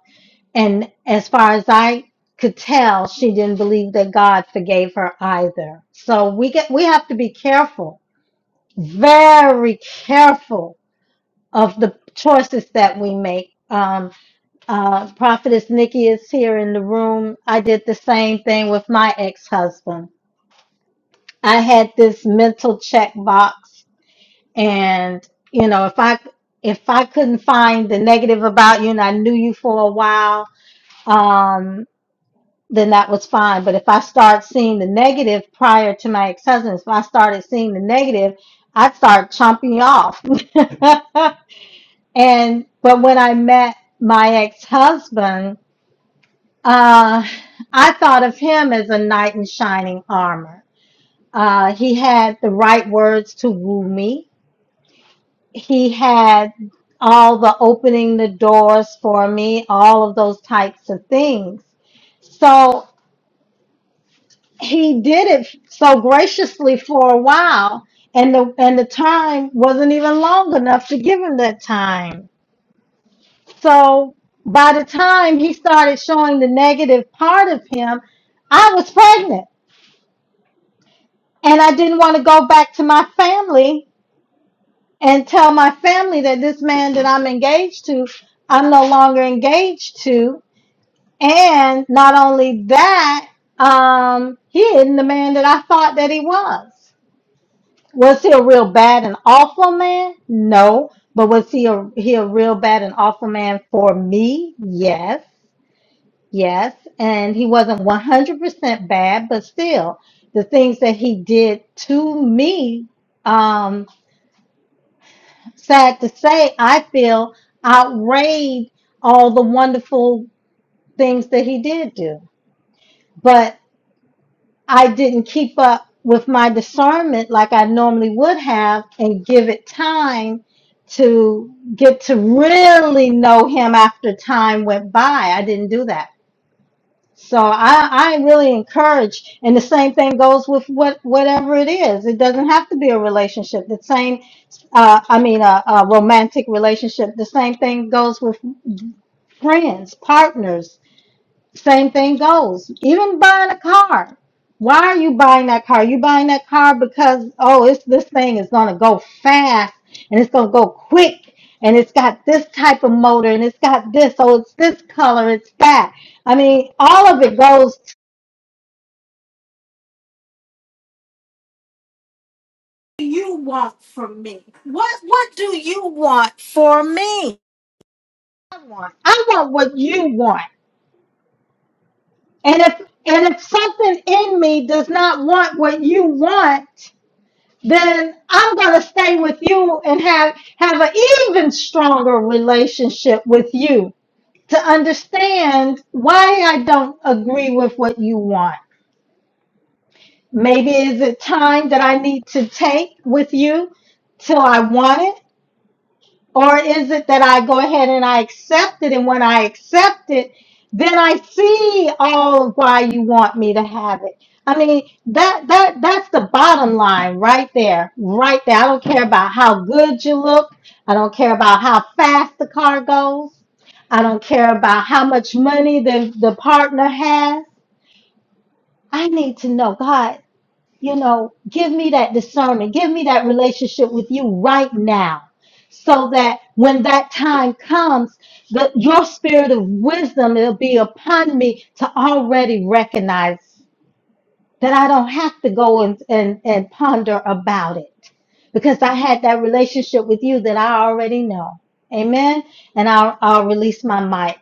And as far as I could tell, she didn't believe that God forgave her either. So we get we have to be careful, very careful of the choices that we make. Um, uh, Prophetess Nikki is here in the room. I did the same thing with my ex-husband. I had this mental check box And you know, if I if I couldn't find the negative about you and I knew you for a while, um, then that was fine. But if I start seeing the negative prior to my ex husband, if I started seeing the negative, I'd start chomping you off. [LAUGHS] and but when I met my ex husband, uh, I thought of him as a knight in shining armor. Uh, he had the right words to woo me. he had all the opening the doors for me, all of those types of things. So he did it so graciously for a while, and the and the time wasn't even long enough to give him that time. So by the time he started showing the negative part of him, I was pregnant, and I didn't want to go back to my family and tell my family that this man that I'm engaged to, I'm no longer engaged to. And not only that, um, he isn't the man that I thought that he was. Was he a real bad and awful man? No. But was he a he a real bad and awful man for me? Yes. Yes. And he wasn't 100% bad, but still, the things that he did to me um, sad to say, I feel outweighed all the wonderful things that he did do. But I didn't keep up with my discernment like I normally would have and give it time to get to really know him after time went by. I didn't do that. So I, I really encourage, and the same thing goes with what whatever it is. It doesn't have to be a relationship. The same, uh, I mean, a, a romantic relationship. The same thing goes with friends, partners. Same thing goes. Even buying a car. Why are you buying that car? You buying that car because oh, it's this thing is gonna go fast and it's gonna go quick and it's got this type of motor and it's got this. Oh, it's this color. It's that. I mean, all of it goes do you want from me? What what do you want for me? I want. I want what you want. And if and if something in me does not want what you want, then I'm gonna stay with you and have have an even stronger relationship with you to understand why I don't agree with what you want. Maybe is it time that I need to take with you till I want it Or is it that I go ahead and I accept it, and when I accept it, then I see all of why you want me to have it? I mean, that that that's the bottom line right there, right there. I don't care about how good you look. I don't care about how fast the car goes. I don't care about how much money the, the partner has. I need to know God you know, give me that discernment, give me that relationship with you right now, so that when that time comes, that your spirit of wisdom will be upon me to already recognize that I don't have to go and, and, and ponder about it because I had that relationship with you that I already know. Amen. And I'll, I'll release my mic.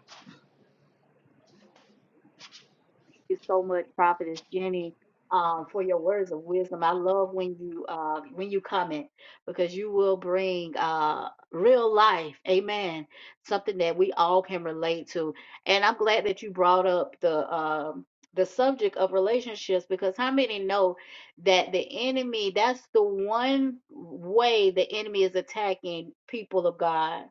you so much, Prophetess Jenny, um, for your words of wisdom. I love when you uh, when you comment because you will bring uh, real life, amen, something that we all can relate to. And I'm glad that you brought up the um, the subject of relationships because how many know that the enemy that's the one way the enemy is attacking people of God,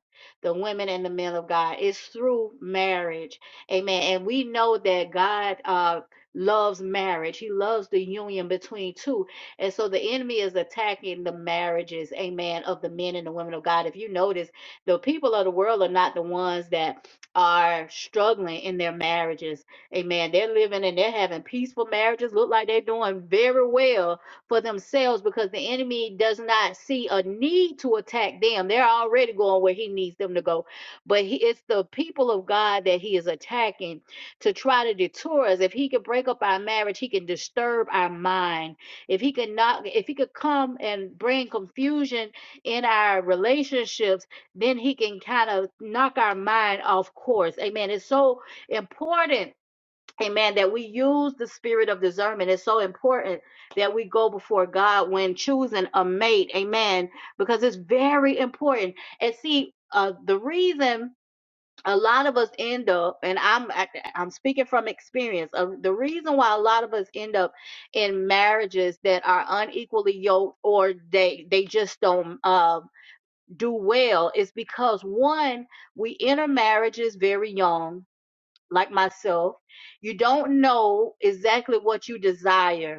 the women and the men of God is through marriage Amen. And we know that God uh loves marriage. He loves the union between two. And so the enemy is attacking the marriages, amen, of the men and the women of God. If you notice, the people of the world are not the ones that are struggling in their marriages. Amen. They're living and they're having peaceful marriages. Look like they're doing very well for themselves because the enemy does not see a need to attack them. They're already going where he needs them to go but he, it's the people of God that he is attacking to try to detour us. If he can break up our marriage, he can disturb our mind. If he could not, if he could come and bring confusion in our relationships, then he can kind of knock our mind off course. Amen. It's so important. Amen. That we use the spirit of discernment. It's so important that we go before God when choosing a mate. Amen. Because it's very important. And see, uh, the reason a lot of us end up and i'm I- i'm speaking from experience uh, the reason why a lot of us end up in marriages that are unequally yoked or they they just don't um do well is because one we enter marriages very young like myself you don't know exactly what you desire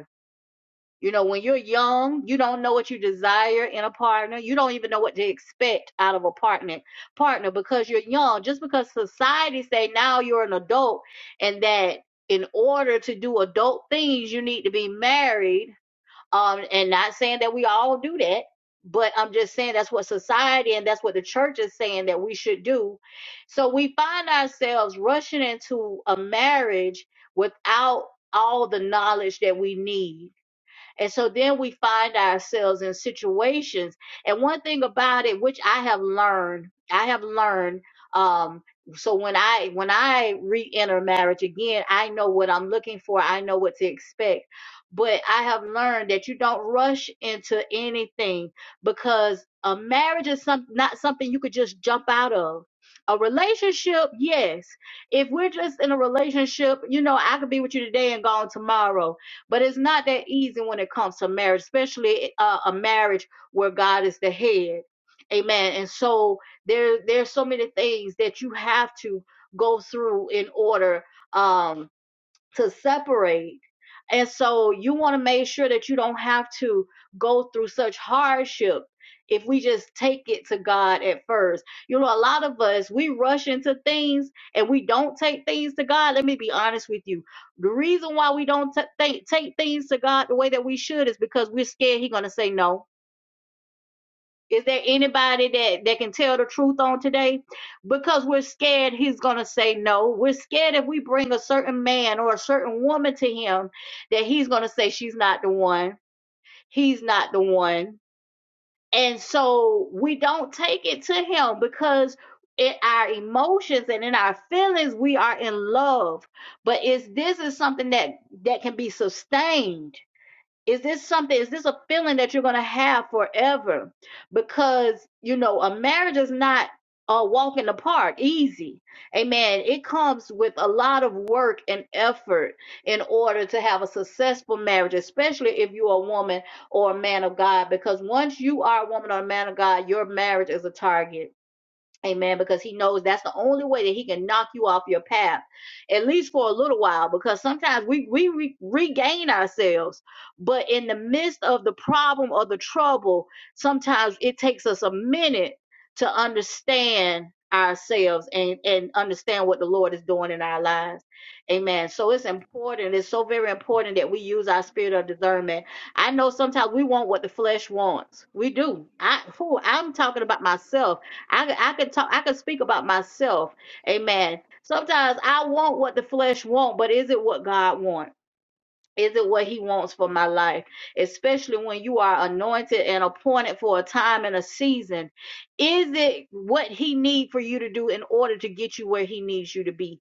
you know, when you're young, you don't know what you desire in a partner. You don't even know what to expect out of a partner. Partner, because you're young. Just because society say now you're an adult, and that in order to do adult things, you need to be married. Um, and not saying that we all do that, but I'm just saying that's what society and that's what the church is saying that we should do. So we find ourselves rushing into a marriage without all the knowledge that we need and so then we find ourselves in situations. And one thing about it, which I have learned, I have learned. Um, so when I when I re-enter marriage again, I know what I'm looking for. I know what to expect. But I have learned that you don't rush into anything because a marriage is some, not something you could just jump out of. A relationship, yes. If we're just in a relationship, you know, I could be with you today and gone tomorrow but it's not that easy when it comes to marriage, especially uh, a marriage where God is the head. Amen. And so there there's so many things that you have to go through in order um to separate. And so you want to make sure that you don't have to go through such hardship if we just take it to God at first. You know, a lot of us, we rush into things and we don't take things to God. Let me be honest with you. The reason why we don't ta- think- take things to God the way that we should is because we're scared He's going to say no is there anybody that, that can tell the truth on today? Because we're scared he's going to say no. We're scared if we bring a certain man or a certain woman to him that he's going to say she's not the one. He's not the one. And so we don't take it to him because in our emotions and in our feelings we are in love. But is this is something that that can be sustained is this something is this a feeling that you're going to have forever because you know a marriage is not a walk in the park easy amen it comes with a lot of work and effort in order to have a successful marriage especially if you're a woman or a man of god because once you are a woman or a man of god your marriage is a target Amen. Because he knows that's the only way that he can knock you off your path, at least for a little while. Because sometimes we, we re- regain ourselves, but in the midst of the problem or the trouble, sometimes it takes us a minute to understand ourselves and, and understand what the Lord is doing in our lives. Amen. So it's important. It's so very important that we use our spirit of discernment. I know sometimes we want what the flesh wants. We do. I, whew, I'm talking about myself I, I could talk, I could speak about myself. Amen. Sometimes I want what the flesh want, but is it what God wants? Is it what he wants for my life? Especially when you are anointed and appointed for a time and a season. Is it what he needs for you to do in order to get you where he needs you to be?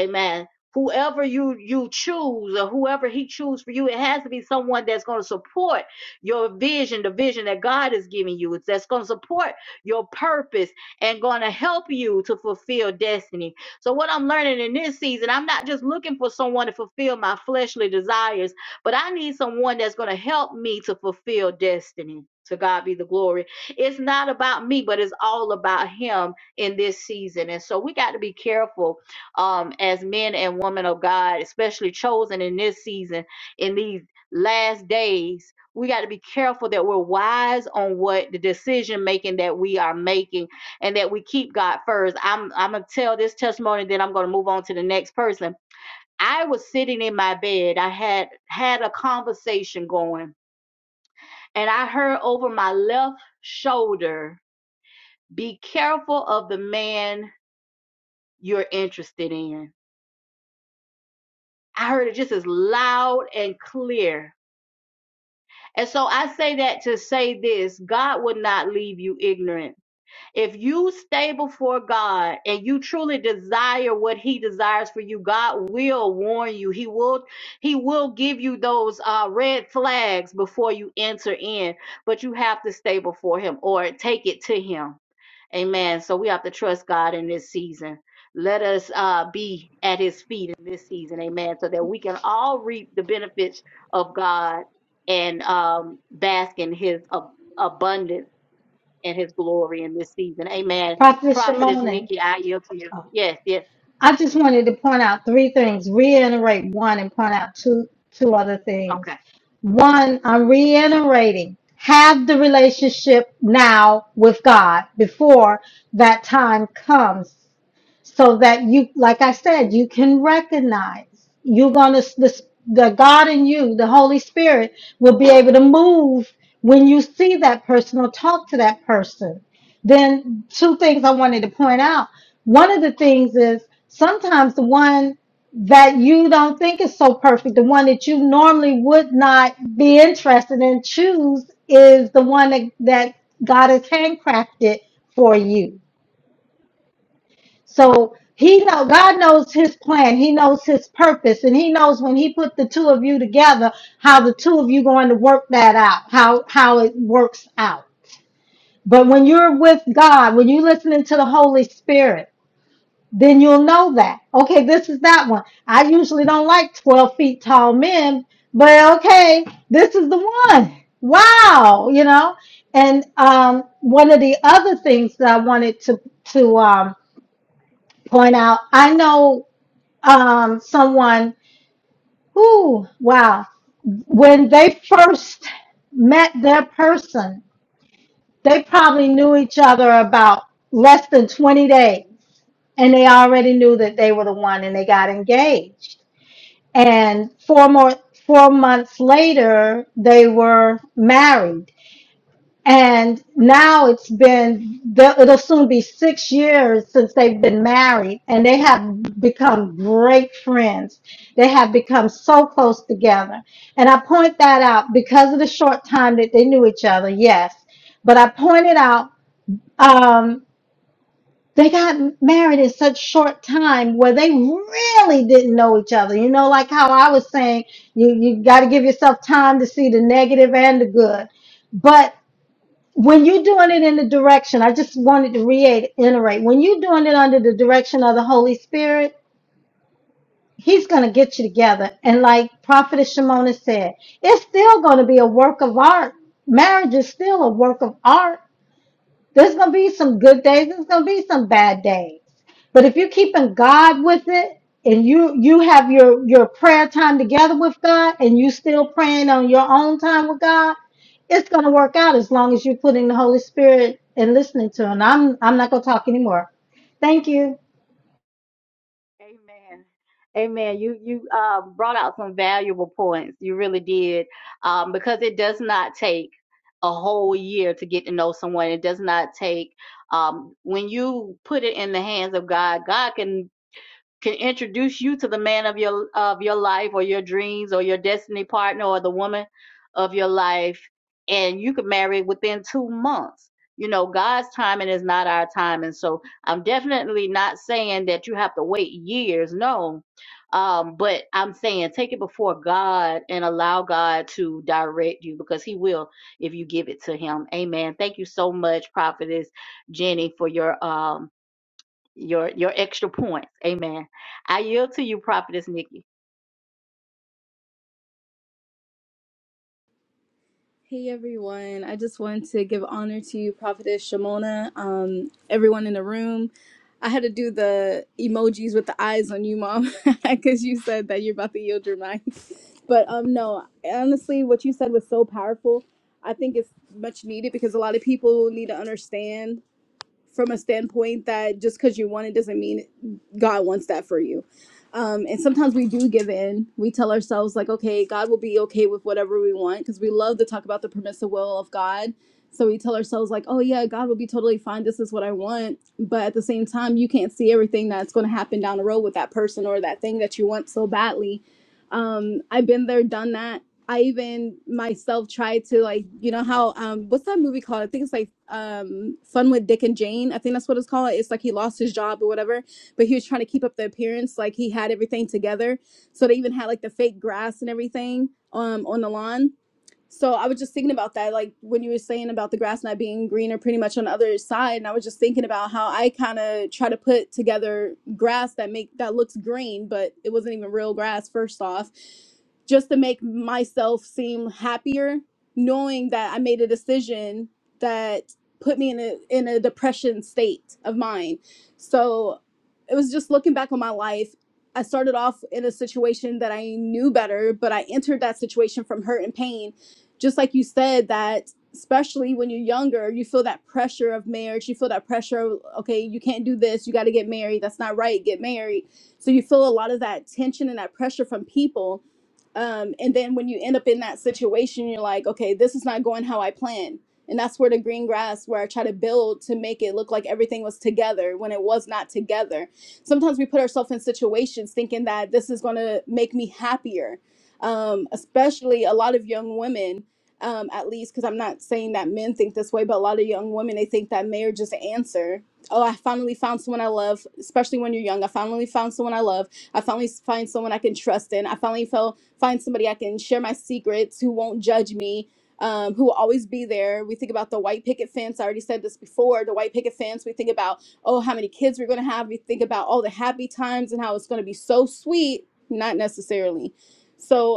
Amen. Whoever you you choose or whoever he chooses for you, it has to be someone that's going to support your vision, the vision that God is giving you. It's that's going to support your purpose and going to help you to fulfill destiny. So what I'm learning in this season, I'm not just looking for someone to fulfill my fleshly desires, but I need someone that's going to help me to fulfill destiny. To God be the glory. It's not about me, but it's all about him in this season. And so we got to be careful um, as men and women of God, especially chosen in this season, in these last days, we got to be careful that we're wise on what the decision making that we are making and that we keep God first. I'm, I'm going to tell this testimony, then I'm going to move on to the next person. I was sitting in my bed. I had had a conversation going and I heard over my left shoulder, be careful of the man you're interested in I heard it just as loud and clear. And so I say that to say this God would not leave you ignorant. If you stay before God and you truly desire what He desires for you, God will warn you. He will He will give you those uh, red flags before you enter in, but you have to stay before Him or take it to Him. Amen. So we have to trust God in this season. Let us uh, be at his feet in this season. Amen. So that we can all reap the benefits of God and um, bask in his ab- abundance and his glory in this season. Amen.
Prophet
Prophetess
Shimon.
Nikki, I yield to you. Yes, yes.
I just wanted to point out three things, reiterate one and point out two two other
Okay.
things. One, I'm reiterating, have the relationship now with God before that time comes so that you like i said you can recognize you're going to the, the god in you the holy spirit will be able to move when you see that person or talk to that person then two things i wanted to point out one of the things is sometimes the one that you don't think is so perfect the one that you normally would not be interested in choose is the one that, that god has handcrafted for you so he know God knows his plan. He knows his purpose, and he knows when he put the two of you together, how the two of you going to work that out, how how it works out. But when you're with God, when you're listening to the Holy Spirit, then you'll know that. Okay, this is that one. I usually don't like 12 feet tall men, but okay, this is the one. Wow, you know. And um, one of the other things that I wanted to to um, point out. I know um, someone who, wow, when they first met their person, they probably knew each other about less than 20 days. And they already knew that they were the one and they got engaged. And four more four months later, they were married And now it's been, the- it'll soon be six years since they've been married, and they have become great friends. They have become so close together. And I point that out because of the short time that they knew each other, yes. But I pointed out um, they got married in such short time where they really didn't know each other. You know, like how I was saying, you, you got to give yourself time to see the negative and the good. But when you're doing it in the direction, I just wanted to reiterate when you're doing it under the direction of the Holy Spirit, He's going to get you together. And like Prophetess Shimona said, it's still going to be a work of art. Marriage is still a work of art. There's going to be some good days. There's going to be some bad days. But if you're keeping God with it and you you have your your prayer time together with God and you still praying on your own time with God, it's going to work out as long as you're putting the Holy Spirit and listening to him. I'm I'm not going to talk anymore. Thank you.
Amen. Amen. You you uh, brought out some valuable points. You really did, um, because it does not take a whole year to get to know someone. It does not take um, when you put it in the hands of God. God can can introduce you to the man of your of your life or your dreams or your destiny partner or the woman of your life and you could marry within 2 months. You know, God's timing is not our time and so I'm definitely not saying that you have to wait years. No. Um but I'm saying take it before God and allow God to direct you because he will if you give it to him. Amen. Thank you so much prophetess Jenny for your um your your extra points. Amen. I yield to you, Prophetess Nikki.
Hey everyone, I just wanted to give honor to you, Prophetess Shimona, um, everyone in the room. I had to do the emojis with the eyes on you, Mom, [LAUGHS] because you said that you're about to yield your mind. But um, no, honestly, what you said was so powerful. I think it's much needed because a lot of people need to understand. from a standpoint that just because you want it doesn't mean God wants that for you. Um, and sometimes we do give in. We tell ourselves, like, okay, God will be okay with whatever we want because we love to talk about the permissive will of God. So we tell ourselves, like, oh, yeah, God will be totally fine. This is what I want. But at the same time, you can't see everything that's going to happen down the road with that person or that thing that you want so badly. Um, I've been there, done that I even myself tried to like, you know how um what's that movie called? I think it's like um Fun with Dick and Jane. I think that's what it's called. It's like he lost his job or whatever, but he was trying to keep up the appearance like he had everything together. So they even had like the fake grass and everything um on the lawn so I was just thinking about that, like when you were saying about the grass not being greener pretty much on the other side. And I was just thinking about how I kind of try to put together grass that make that looks green, but it wasn't even real grass first off, just to make myself seem happier, knowing that I made a decision that put me in a in a depression state of mind. So it was just looking back on my life I started off in a situation that I knew better, but I entered that situation from hurt and pain just like you said that especially when you're younger you feel that pressure of marriage you feel that pressure of okay you can't do this you got to get married that's not right get married so you feel a lot of that tension and that pressure from people um, and then when you end up in that situation you're like okay this is not going how i planned and that's where the green grass where i try to build to make it look like everything was together when it was not together sometimes we put ourselves in situations thinking that this is going to make me happier um, especially a lot of young women um, at least because I'm not saying that men think this way, but a lot of young women they think that marriage is the answer. Oh, I finally found someone I love, especially when you're young. I finally found someone I love. I finally find someone I can trust in. I finally felt find somebody I can share my secrets, who won't judge me, um, who will always be there. We think about the white picket fence. I already said this before. The white picket fence. We think about oh, how many kids we're gonna have. We think about all the happy times and how it's gonna be so sweet. Not necessarily. So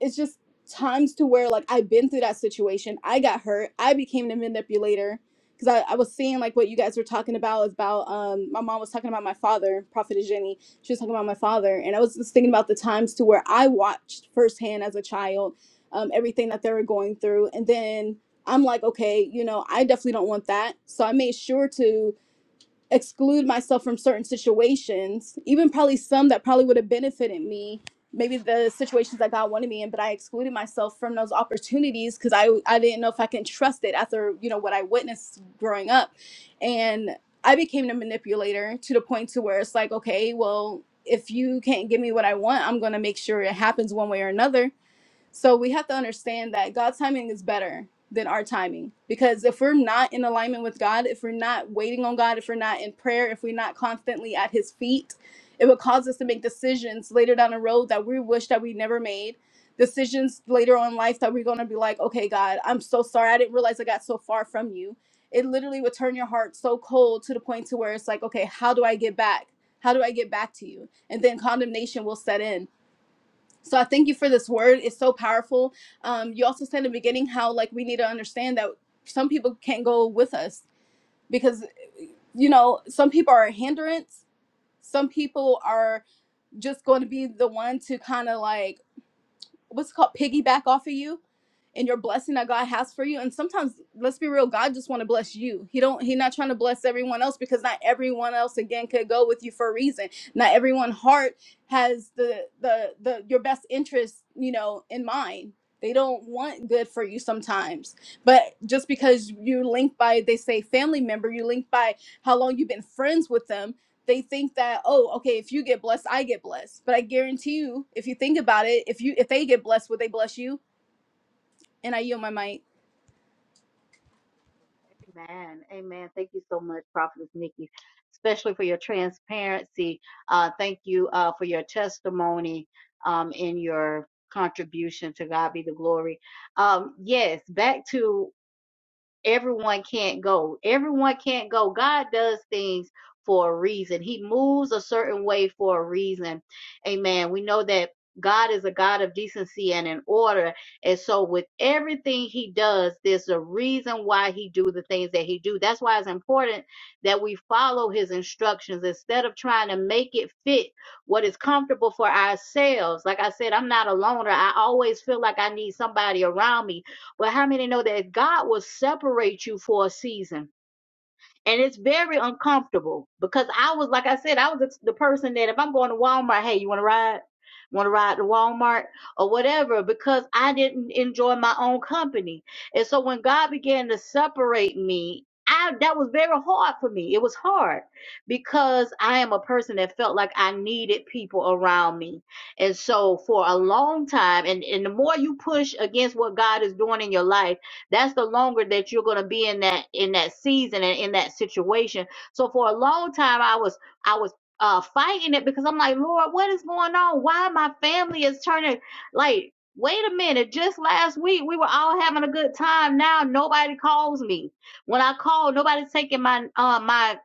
it's just times to where like I've been through that situation. I got hurt. I became the manipulator because I, I was seeing like what you guys were talking about is about um my mom was talking about my father, Prophet Jenny. She was talking about my father, and I was just thinking about the times to where I watched firsthand as a child um, everything that they were going through, and then I'm like, okay, you know, I definitely don't want that. So I made sure to exclude myself from certain situations, even probably some that probably would have benefited me. Maybe the situations that God wanted me in, but I excluded myself from those opportunities because I I didn't know if I can trust it after you know what I witnessed growing up, and I became the manipulator to the point to where it's like okay, well if you can't give me what I want, I'm gonna make sure it happens one way or another so we have to understand that God's timing is better than our timing because if we're not in alignment with God, if we're not waiting on God, if we're not in prayer, if we're not constantly at His feet, it will cause us to make decisions later down the road that we wish that we never made. Decisions later on in life that we're going to be like, okay, God, I'm so sorry. I didn't realize I got so far from you. It literally would turn your heart so cold to the point to where it's like, okay, how do I get back? How do I get back to you? And then condemnation will set in so I thank you for this word. It's so powerful. Um, you also said in the beginning how like we need to understand that some people can't go with us because you know some people are a hindrance. Some people are just going to be the one to kind of like what's it called piggyback off of you and your blessing that God has for you. And sometimes, let's be real, God just want to bless you. He don't. He not trying to bless everyone else because not everyone else again could go with you for a reason. Not everyone heart has the the the your best interest, you know, in mind. They don't want good for you sometimes. But just because you link by, they say family member, you link by how long you've been friends with them they think that oh okay if you get blessed i get blessed but i guarantee you if you think about it if you if they get blessed would they bless you and i yield my mic
Amen. Amen. Thank you so much, Prophetess Nikki, especially for your transparency. Uh, thank you uh, for your testimony um, in your contribution to God be the glory. Um, yes, back to everyone can't go. Everyone can't go. God does things for a reason. He moves a certain way for a reason. Amen. We know that God is a God of decency and in order. And so with everything he does, there's a reason why he do the things that he do. That's why it's important that we follow his instructions instead of trying to make it fit what is comfortable for ourselves. Like I said, I'm not a loner. I always feel like I need somebody around me but how many know that God will separate you for a season? And it's very uncomfortable because I was, like I said, I was the the person that if I'm going to Walmart, hey, you want to ride? Want to ride to Walmart or whatever because I didn't enjoy my own company. And so when God began to separate me, I, that was very hard for me. It was hard because I am a person that felt like I needed people around me. And so for a long time, and, and the more you push against what God is doing in your life, that's the longer that you're going to be in that in that season and in that situation so for a long time i was i was uh fighting it because i'm like lord what is going on why my family is turning like wait a minute just last week we were all having a good time now nobody calls me when i call nobody's taking my uh my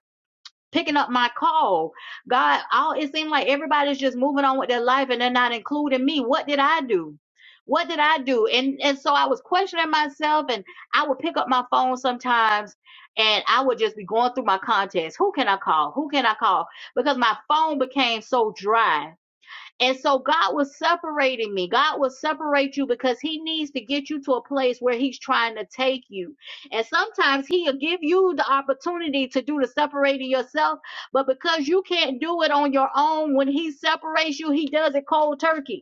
picking up my call. God, all it seemed like everybody's just moving on with their life and they're not including me. What did I do? What did I do? And and so I was questioning myself and I would pick up my phone sometimes and I would just be going through my contacts. Who can I call? Who can I call? Because my phone became so dry and so God was separating me. God will separate you because He needs to get you to a place where He's trying to take you. And sometimes He'll give you the opportunity to do the separating yourself, but because you can't do it on your own, when He separates you, He does it cold turkey.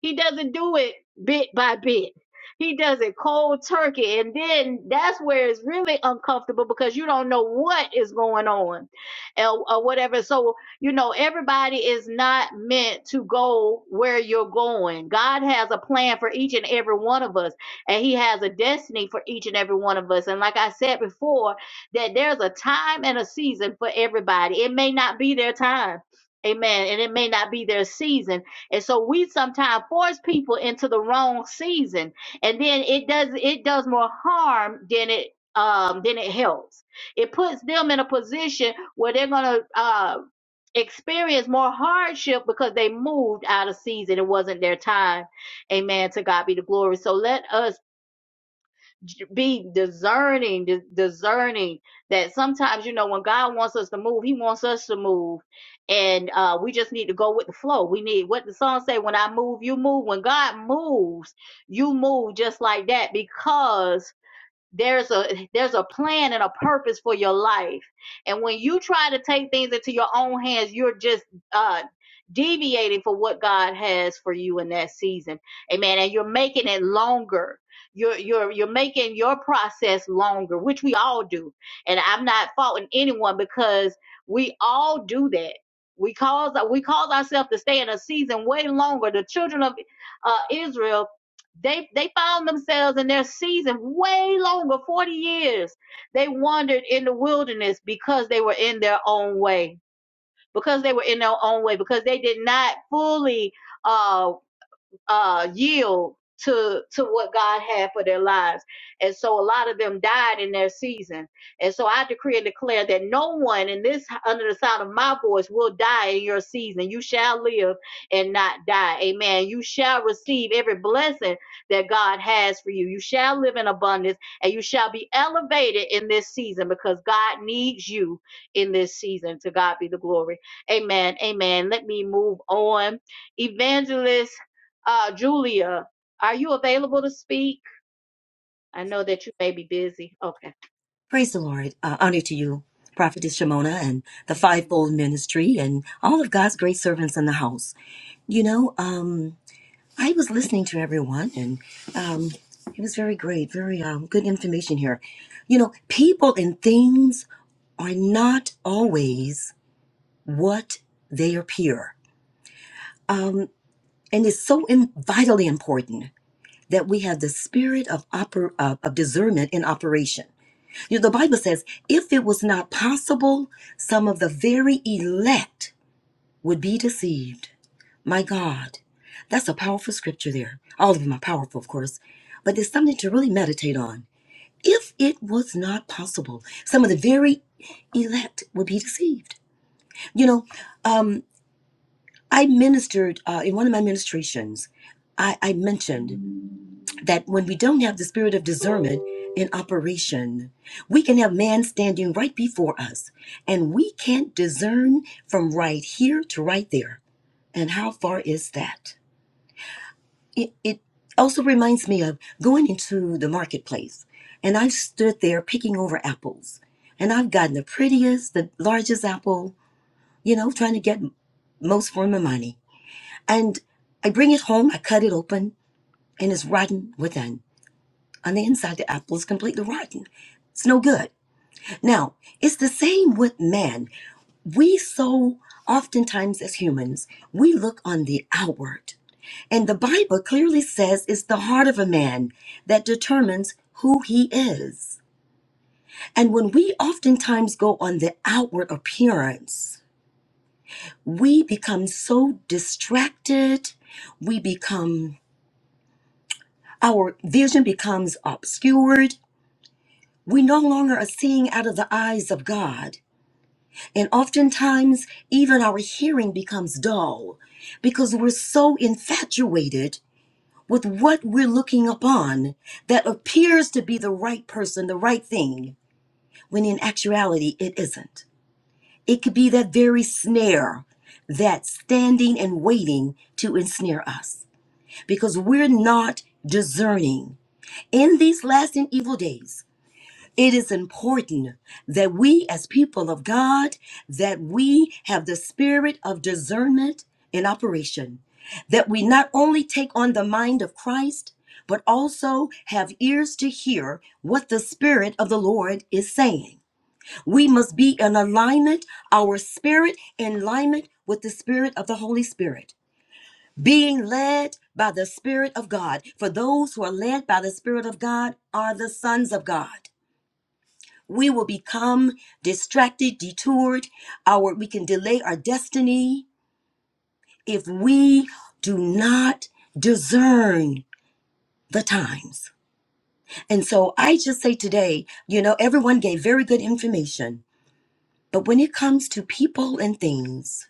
He doesn't do it bit by bit. He does it cold turkey. And then that's where it's really uncomfortable because you don't know what is going on or, or whatever. So, you know, everybody is not meant to go where you're going. God has a plan for each and every one of us, and He has a destiny for each and every one of us. And like I said before, that there's a time and a season for everybody. It may not be their time. Amen. And it may not be their season and so we sometimes force people into the wrong season, and then it does it does more harm than it um than it helps. It puts them in a position where they're gonna uh experience more hardship because they moved out of season. It wasn't their time. Amen. To God be the glory. So let us j- be discerning, dis- discerning that sometimes, you know, when God wants us to move, He wants us to move. And uh, we just need to go with the flow. We need what the song say when I move, you move. When God moves, you move just like that because there's a there's a plan and a purpose for your life and when you try to take things into your own hands you're just uh deviating for what god has for you in that season amen and you're making it longer you're you're you're making your process longer which we all do and i'm not faulting anyone because we all do that we cause we cause ourselves to stay in a season way longer the children of uh, israel they they found themselves in their season way longer 40 years they wandered in the wilderness because they were in their own way because they were in their own way because they did not fully uh, uh, yield to to what God had for their lives. And so a lot of them died in their season. And so I decree and declare that no one in this under the sound of my voice will die in your season. You shall live and not die. Amen. You shall receive every blessing that God has for you. You shall live in abundance and you shall be elevated in this season because God needs you in this season. To God be the glory. Amen. Amen. Let me move on. Evangelist uh, Julia, are you available to speak? I know that you may be busy. Okay.
Praise the Lord. Uh, honor to you, Prophetess Shimona, and the fivefold ministry, and all of God's great servants in the house. You know, um, I was listening to everyone, and um, it was very great, very um, good information here. You know, people and things are not always what they appear. Um, and it's so in, vitally important that we have the spirit of, oper- uh, of discernment in operation You- The Bible says, if it was not possible, some of the very elect would be deceived. My God, that's a powerful scripture there. All of them are powerful, of course, but there's something to really meditate on. If it was not possible, some of the very elect would be deceived. You know, um, I ministered uh, in one of my ministrations, I, I mentioned that when we don't have the spirit of discernment in operation, we can have man standing right before us and we can't discern from right here to right there. And how far is that? It, it also reminds me of going into the marketplace and I've stood there picking over apples and I've gotten the prettiest, the largest apple, you know, trying to get most for my money. And I bring it home, I cut it open, and it's rotten within On the inside, the apple is completely rotten. It's no good. Now, it's the same with man. We so oftentimes as humans, we look on the outward. And the Bible clearly says it's the heart of a man that determines who he is. And when we oftentimes go on the outward appearance, we become so distracted. We become, our vision becomes obscured. We no longer are seeing out of the eyes of God And oftentimes, even our hearing becomes dull because we're so infatuated with what we're looking upon that appears to be the right person, the right thing, when in actuality, it isn't. It could be that very snare that's standing and waiting to ensnare us because we're not discerning. In these last and evil days, it is important that we as people of god that we have the spirit of discernment in operation that we not only take on the mind of christ but also have ears to hear what the spirit of the lord is saying we must be in alignment our spirit in alignment with the spirit of the holy spirit being led by the Spirit of God. For those who are led by the Spirit of God are the sons of God we will become distracted, detoured, our we can delay our destiny if we do not discern the times. And so I just say today, you know, everyone gave very good information, but when it comes to people and things,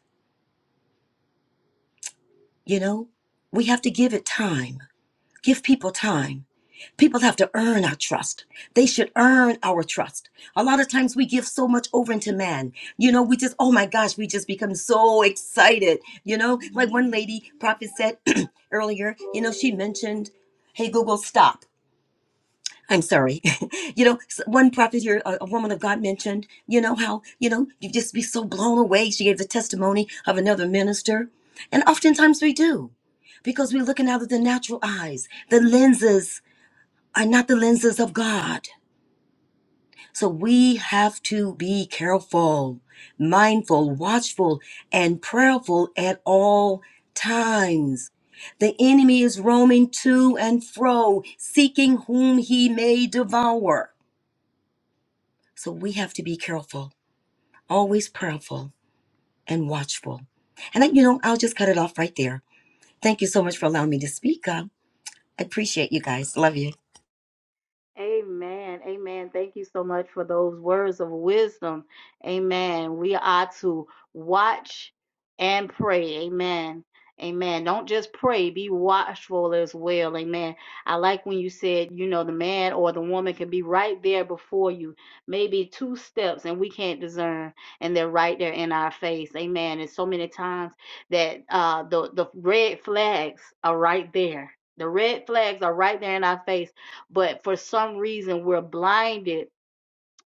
you know, we have to give it time. Give people time. People have to earn our trust. They should earn our trust. A lot of times we give so much over into man. You know, we just, oh my gosh, we just become so excited. You know, like one lady, Prophet said [CLEARS THROAT] earlier, you know, she mentioned, hey, Google, stop. I'm sorry. [LAUGHS] you know, s- one prophet here, a, a woman of God mentioned, you know, how, you know, you just be so blown away. She gave the testimony of another minister. And oftentimes we do because we're looking out of the natural eyes. The lenses are not the lenses of God. So we have to be careful, mindful, watchful, and prayerful at all times. The enemy is roaming to and fro, seeking whom he may devour. So we have to be careful, always prayerful and watchful. And I, you know, I'll just cut it off right there. Thank you so much for allowing me to speak. Uh, I appreciate you guys. Love you.
Amen. Amen. Thank you so much for those words of wisdom. Amen. We are to watch and pray. Amen. Amen. Don't just pray, be watchful as well. Amen. I like when you said, you know, the man or the woman can be right there before you, maybe two steps, and we can't discern, and they're right there in our face. Amen. And so many times that uh, the, the red flags are right there. The red flags are right there in our face but for some reason, we're blinded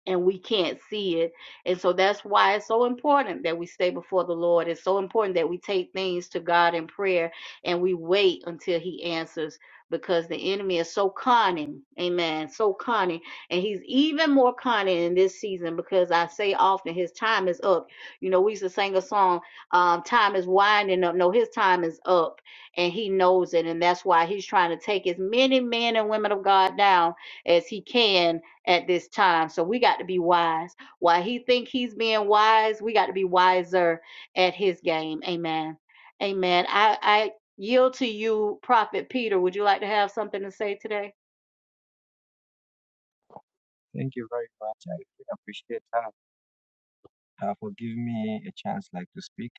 and we can't see it. And so that's why it's so important that we stay before the Lord. It's so important that we take things to God in prayer and we wait until He answers because the enemy is so cunning. Amen. So cunning. And he's even more cunning in this season because I say often his time is up. You know, we used to sing a song, um, Time is winding up. No, his time is up and he knows it. And that's why he's trying to take as many men and women of God down as he can at this time. So we got to be wise. While he think he's being wise, we got to be wiser at his game. Amen. Amen. I, I yield to you, Prophet Peter. Would you like to have something to say today?
Thank you very much. I really appreciate that uh, for giving me a chance like to speak.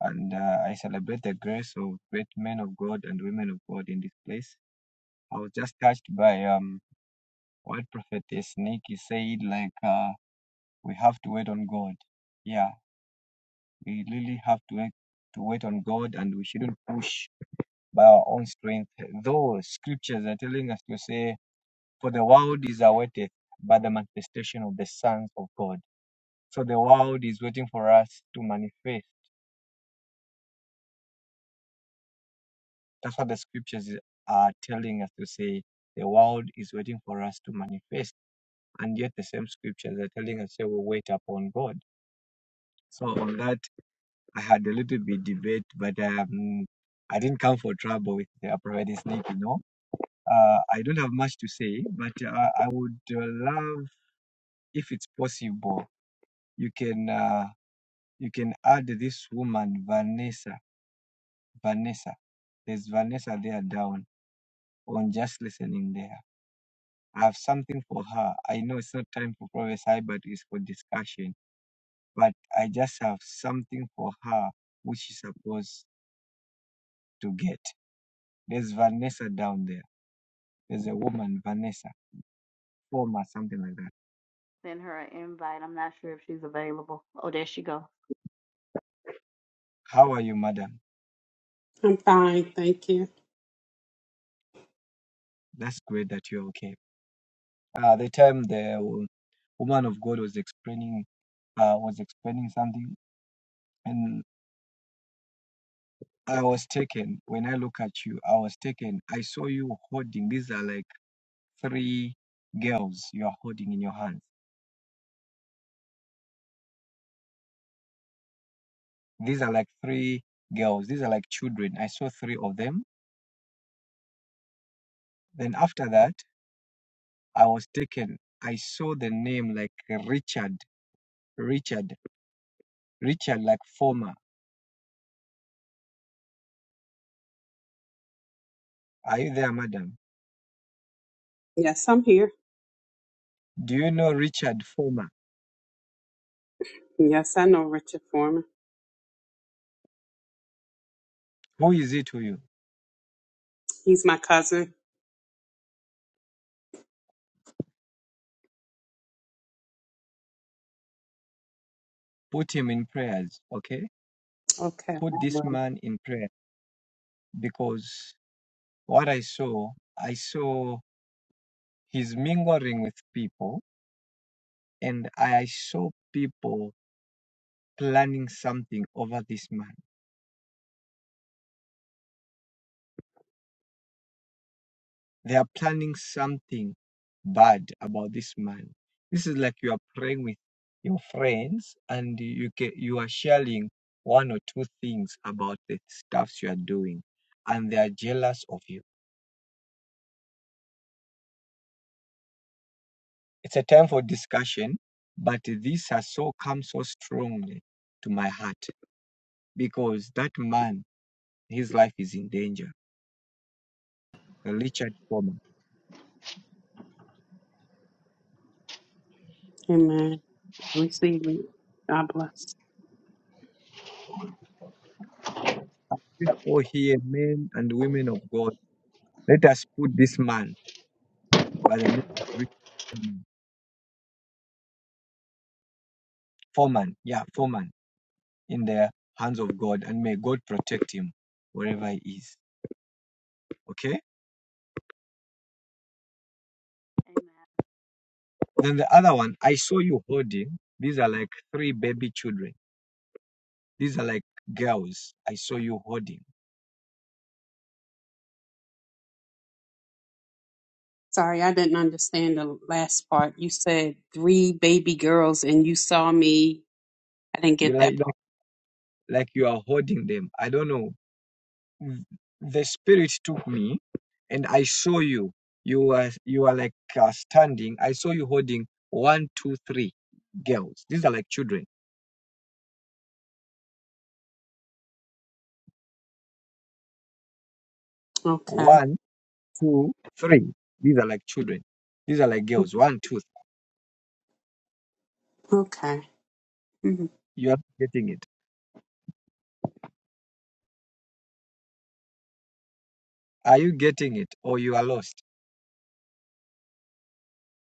And uh, I celebrate the grace of great men of God and women of God in this place. I was just touched by um what prophetess Nikki said, like uh, we have to wait on God. Yeah, we really have to wait to wait on God, and we shouldn't push by our own strength. Though scriptures are telling us to say, "For the world is awaited by the manifestation of the sons of God." So the world is waiting for us to manifest. That's what the scriptures are telling us to say. The world is waiting for us to manifest. And yet the same scriptures are telling us to we'll wait upon God. So on that, I had a little bit debate, but um, I didn't come for trouble with the providing snake, you know. Uh, I don't have much to say, but uh, I would uh, love, if it's possible, you can uh, you can add this woman Vanessa. Vanessa, there's Vanessa there down. on just listening there. I have something for her. I know it's not time for prophesy, but it's for discussion. But I just have something for her which she's supposed to get. There's Vanessa down there. There's a woman, Vanessa, former, something like that.
Send her an invite. I'm not sure if she's available. Oh, there she goes.
How are you, madam?
I'm fine, thank you.
That's great that you're okay. Uh, the time the wo- woman of God was explaining, uh, was explaining something, and I was taken. When I look at you, I was taken. I saw you holding. These are like three girls you are holding in your hands. These are like three girls. These are like children. I saw three of them. Then after that, I was taken. I saw the name like Richard, Richard, Richard like Former. Are you there, madam?
Yes, I'm here.
Do you know Richard Former?
Yes, I know Richard Foreman.
Who is it to you?
He's my cousin.
Put him in prayers, okay?
Okay, I
Put this
will.
man in prayer because what I saw, I saw he's mingling with people and I saw people planning something over this man. They are planning something bad about this man. This is like you are praying with your friends and you ca you are sharing one or two things about the stuffs you are doing, and they are jealous of you. It's a time for discussion, but this has so come so strongly to my heart because that man, his life is in danger. Richard Foreman.
Amen. Receive it. God bless.
We are all here, men and women of God. Let us put this man by the name of Rick um, Foreman. Yeah, Foreman in the hands of God, and may God protect him wherever he is. Okay.
Amen.
Then the other one, I saw you holding. These are like three baby children. These are like girls. I saw you holding.
Sorry, I didn't understand the last part. You said three baby girls and you saw me. I didn't
You
get that
like like like you are holding them. I don't know. Mm, The spirit took me, and I saw you. You were you are like uh, standing. I saw you holding one, two, three girls. These are like children.
part. Okay.
One two, three. These are like children. These are like girls. One, two, three.
Okay. Mhm.
You are getting it. Are you getting it or you are lost?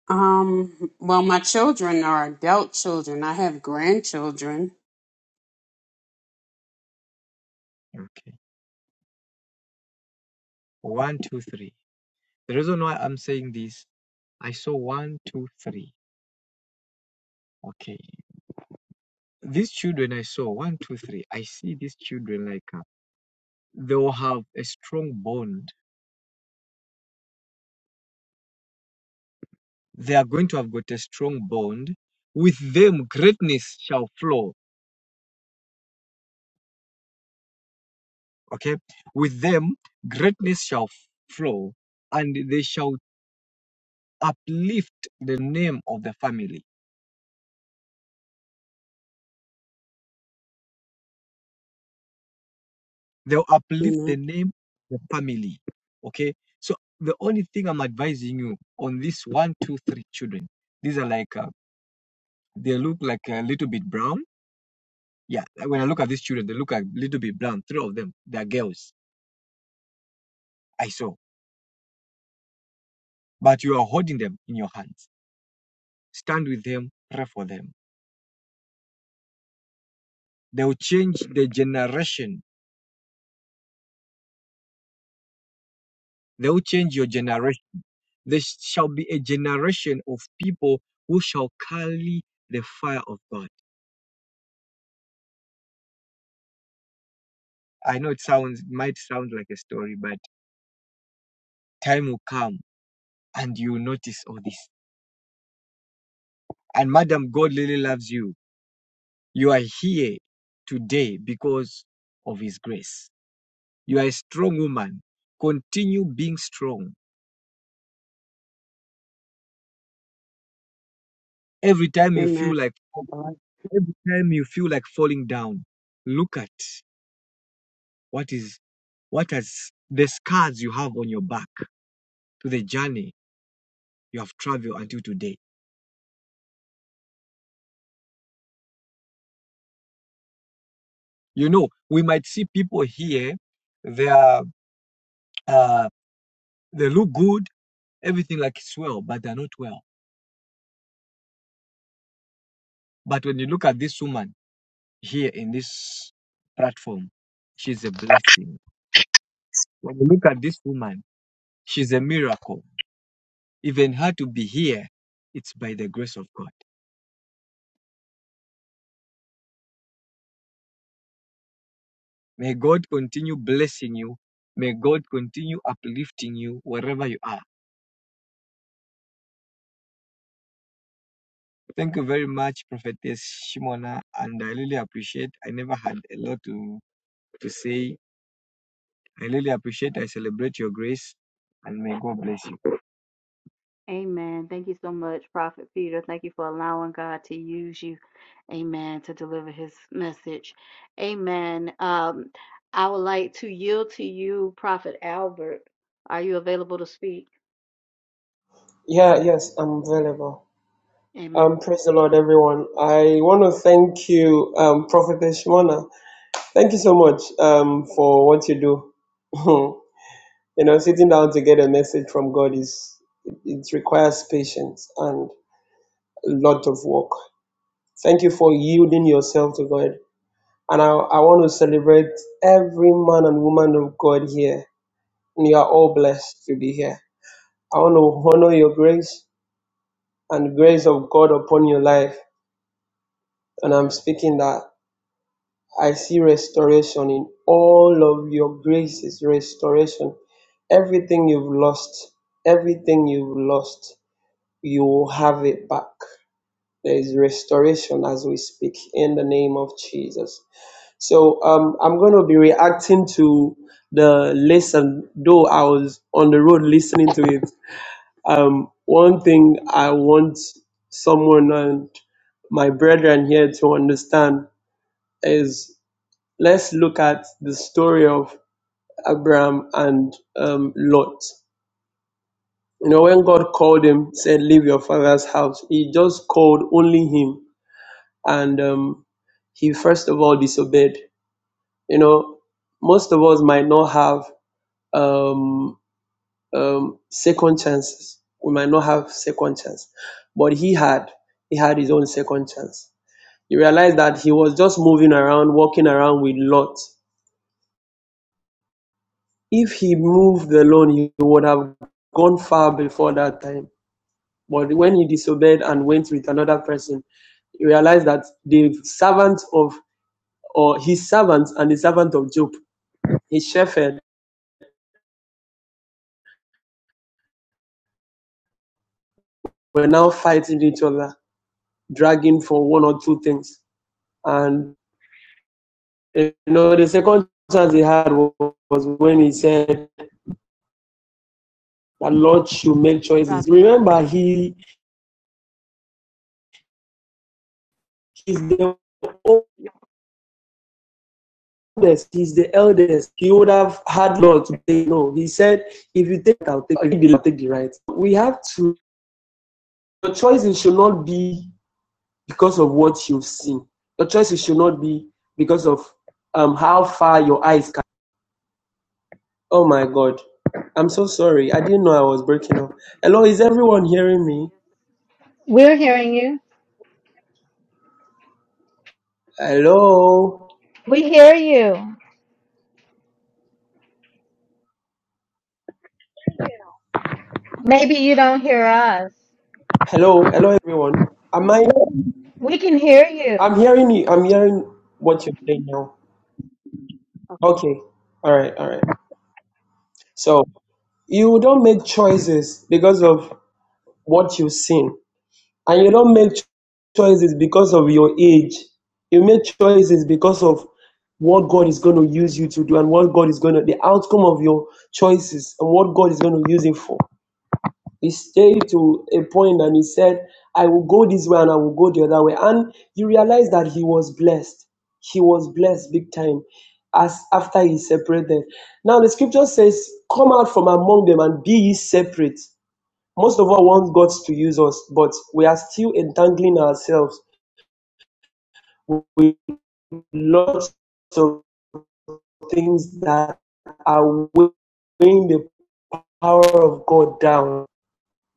Um, well, my children are adult children. I have grandchildren.
Okay. One, two, three. The reason why I'm saying this, I saw one, two, three. Okay. These children I saw, one, two, three. I see these children like uh, they will have a strong bond. They are going to have got a strong bond. With them, greatness shall flow. Okay. With them, greatness shall flow, and they shall uplift the name of the family. They'll uplift
Amen.
the name of the family. Okay. So the only thing I'm advising you on this one, two, three children, these are like uh, they look like a little bit brown. Yeah, like, when I look at these children, they look a little bit brown. Three of them, they are girls. I saw, but you are holding them in your hands. Stand with them, pray for them. They will change the generation. They will change your generation There shall be a generation of people who shall carry the fire of God. I know it sounds might sound like a story, but time will come and you will notice all this. And Madam, God really loves you. You are here today because of His grace. You are a strong woman. Continue being strong. Every time you
Amen.
feel like every time you feel like falling down, look at what is what has the scars you have on your back to the journey you have traveled until today. You know, we might see people here, they are, uh, they look good, everything like it's well, but they're not well. But when you look at this woman here in this platform, she's a blessing. When you look at this woman, she's a miracle. Even her to be here, it's by the grace of God. May God continue blessing you. May God continue uplifting you wherever you are. Thank you very much, Prophetess Shimona, and I really appreciate. I never had a lot to to say. I really appreciate. I celebrate your grace, and may God bless you.
Amen. Thank you so much, Prophet Peter. Thank you for allowing God to use you. Amen. To deliver his message. Amen. Um, I would like to yield to you, Prophet Albert. Are you available to speak?
Yeah, yes, I'm available. Um,
Amen.
praise the Lord, everyone. I want to thank you, um, Prophetess Shimona. Thank you so much, um, for what you do. [LAUGHS] you know, sitting down to get a message from God is it, it requires patience and a lot of work. Thank you for yielding yourself to God And I, I want to celebrate every man and woman of God here. And you are all blessed to be here. I want to honor your grace and grace of God upon your life. And I'm speaking that I see restoration in all of your graces, restoration. Everything you've lost, everything you've lost, you will have it back. There is restoration as we speak in the name of Jesus. So um, I'm going to be reacting to the lesson, though I was on the road listening to it. Um, one thing I want someone and my brethren here to understand is let's look at the story of Abraham and um, Lot. You know, when God called him, said, Leave your father's house, he just called only him. And um, he first of all disobeyed. You know, most of us might not have um, um, second chances. We might not have second chance, but he had he had his own second chance. He realized that he was just moving around, walking around with Lot. If he moved alone, he would have gone far before that time. But when he disobeyed and went with another person, he realized that the servant of or his servant and the servant of Job, his shepherd, were now fighting each other, dragging for one or two things. And You know, the second chance he had was when he said that Lord should make choices.
Prophet.
Remember, he is the
Yes.
oldest, he's the eldest. He would have had Lord to say no. He said, if you take, I'll take, if you take the right. We have to, your choices should not be because of what you've seen. Your choices should not be because of um, how far your eyes can. Oh my God. I'm so sorry. I didn't know I was breaking up. Hello, is everyone hearing me?
We're hearing you.
Hello.
We hear you. Maybe you don't hear us.
Hello, hello everyone. Am I?
We can hear you.
I'm hearing you. I'm hearing what you're saying now.
Okay.
Okay. All right. All right. So you don't make choices because of what you've seen, and you don't make cho- choices because of your age. You make choices because of what God is going to use you to do, and what God is going to the outcome of your choices, and what God is going to use it for. He stayed to a point and he said, I will go this way and I will go the other way. And you realize that he was blessed. He was blessed big time as after he separated. Now the scripture says, Come out from among them and be ye separate. Most of us want God to use us, but we are still entangling ourselves with lots of things that are weighing the power of God down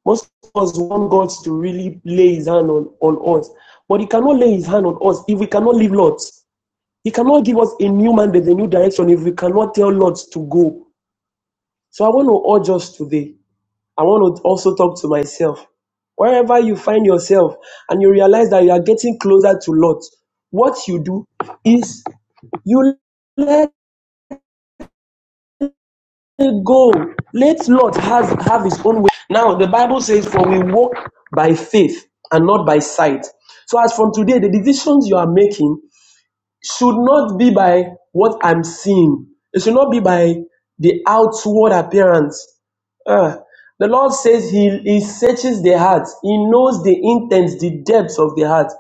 Most of us want God to really lay his hand on, on us. But he cannot lay his hand on us if we cannot leave lots. He cannot give us a new mandate, a new direction if we cannot tell lots to go. So I want to urge us today. I want to also talk to myself. Wherever you find yourself and you realize that you are getting closer to Lot, what you do is you let go. Let Lord has have his own way. Now the Bible says, "For we walk by faith and not by sight." So as from today, the decisions you are making should not be by what I'm seeing. It should not be by the outward appearance. Ah, the Lord says he, he searches the heart. He knows the intents, the depths of the heart.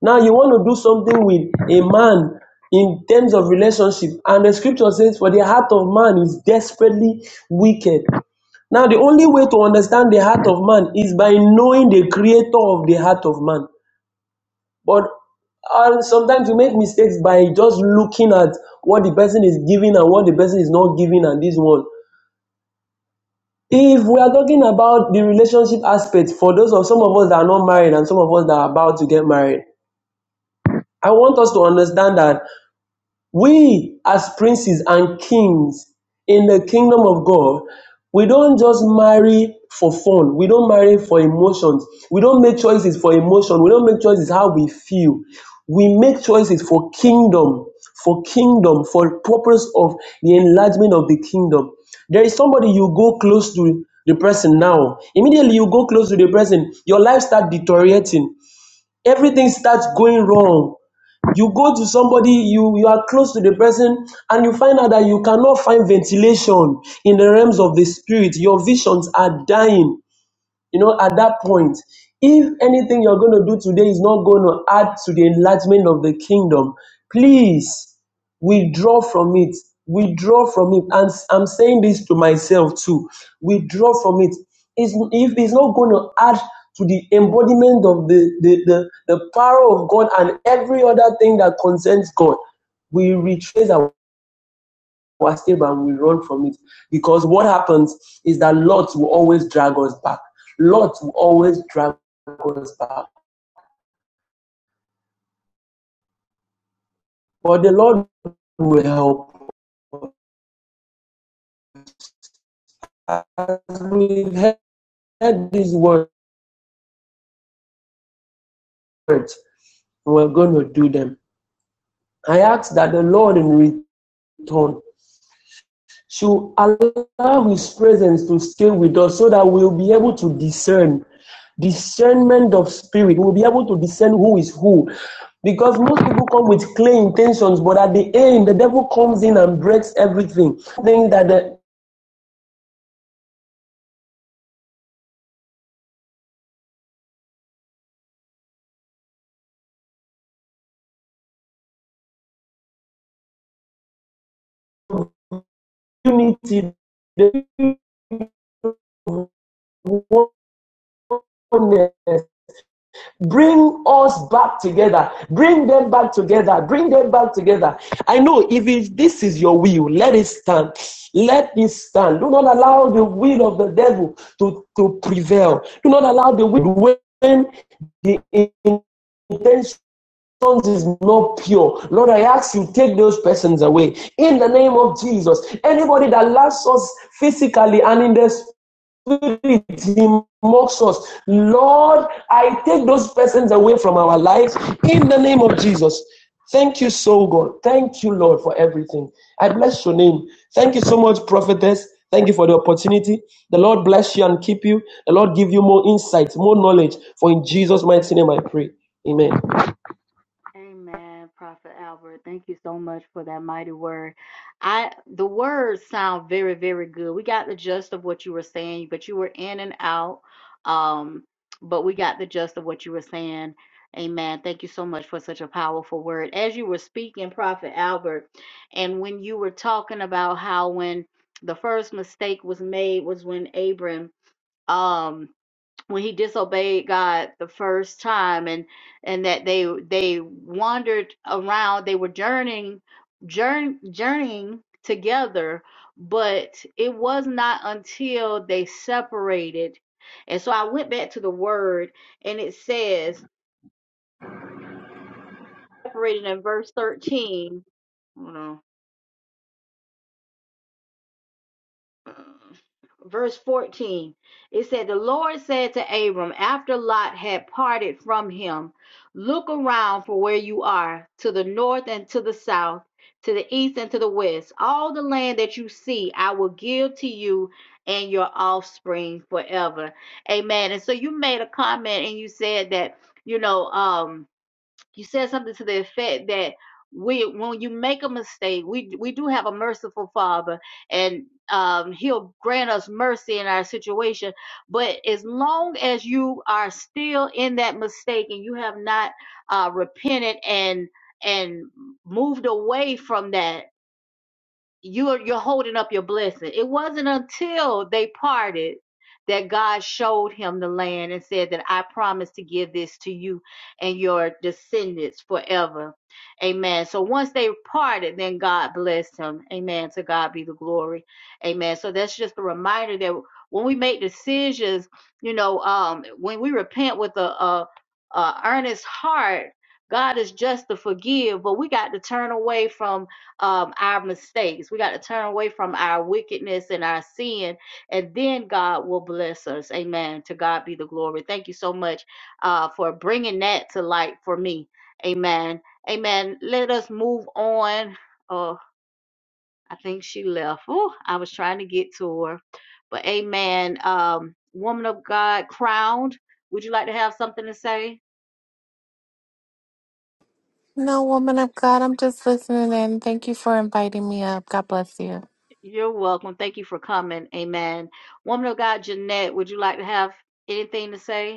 Now you want to do something with a man in terms of relationship, and the scripture says, For the heart of man is desperately wicked. Now, the only way to understand the heart of man is by knowing the creator of the heart of man. But and sometimes you make mistakes by just looking at what the person is giving and what the person is not giving and this one. If we are talking about the relationship aspect for those of some of us that are not married and some of us that are about to get married, I want us to understand that We, as princes and kings in the kingdom of God, we don't just marry for fun. We don't marry for emotions. We don't make choices for emotion. We don't make choices how we feel. We make choices for kingdom, for kingdom, for purpose of the enlargement of the kingdom. There is somebody you go close to the person now. Immediately you go close to the person, your life start deteriorating everything starts going wrong you go to somebody you you are close to the person and you find out that you cannot find ventilation in the realms of the spirit your visions are dying you know, at that point, if anything you're going to do today is not going to add to the enlargement of the kingdom, please withdraw from it. Withdraw from it. And s- I'm saying this to myself too. Withdraw from it. It's, if it's not going to add to the embodiment of the, the, the, the power of God and every other thing that concerns God, we retrace our our stable and we run from it. Because what happens is that Lot will always drag us back. Lot will always drag us back. But the Lord will help us. As we've heard these words, we're going to do them. I ask that the Lord in return should allow His presence to stay with us so that we'll be able to discern. Discernment of spirit. We'll be able to discern who is who. Because most people come with clear intentions, but at the end, the devil comes in and breaks everything. I think that the unity, the oneness, Bring us back together. Bring them back together. Bring them back together. I know if it, this is your will, let it stand. Let it stand. Do not allow the will of the devil to, to prevail. Do not allow the will when the intention is not pure. Lord, I ask you, take those persons away in the name of Jesus. Anybody that lacks us physically and in the spirit mocks us. Lord, I take those persons away from our lives in the name of Jesus. Thank you so God. Thank you, Lord, for everything. I bless your name. Thank you so much, prophetess. Thank you for the opportunity. The Lord bless you and keep you. The Lord give you more insight, more knowledge. For in Jesus' mighty name I pray. Amen.
Amen, Prophet Albert. Thank you so much for that mighty word. I the words sound very, very good. We got the gist of what you were saying, but you were in and out. Um, but we got the gist of what you were saying. Amen. Thank you so much for such a powerful word. As you were speaking, Prophet Albert, and when you were talking about how when the first mistake was made was when Abram um when he disobeyed God the first time and and that they they wandered around they were journeying journ, journeying together but it was not until they separated and so I went back to the word and it says separated in verse 13 hold on Mm. verse 14 it said the lord said to abram after lot had parted from him look around for where you are to the north and to the south to the east and to the west all the land that you see i will give to you and your offspring forever amen and so you made a comment and you said that you know um you said something to the effect that we when you make a mistake we we do have a merciful father and um he'll grant us mercy in our situation but as long as you are still in that mistake and you have not uh repented and and moved away from that you're you're holding up your blessing. It wasn't until they parted that God showed him the land and said that I promise to give this to you and your descendants forever. Amen. So once they parted, then God blessed him. Amen. To God be the glory. Amen. So that's just a reminder that when we make decisions, you know, um, when we repent with a, a, a earnest heart, God is just to forgive, but we got to turn away from um, our mistakes. We got to turn away from our wickedness and our sin, and then God will bless us. Amen. To God be the glory. Thank you so much uh, for bringing that to light for me. Amen. Amen. Let us move on. Oh, I think she left. Oh, I was trying to get to her. But amen. Um, woman of God, crowned. Would you like to have something to say?
No, woman of God, I'm just listening in. Thank you for inviting me up. God bless you.
You're welcome. Thank you for coming. Amen. Woman of God, Jeanette, would you like to have anything to say?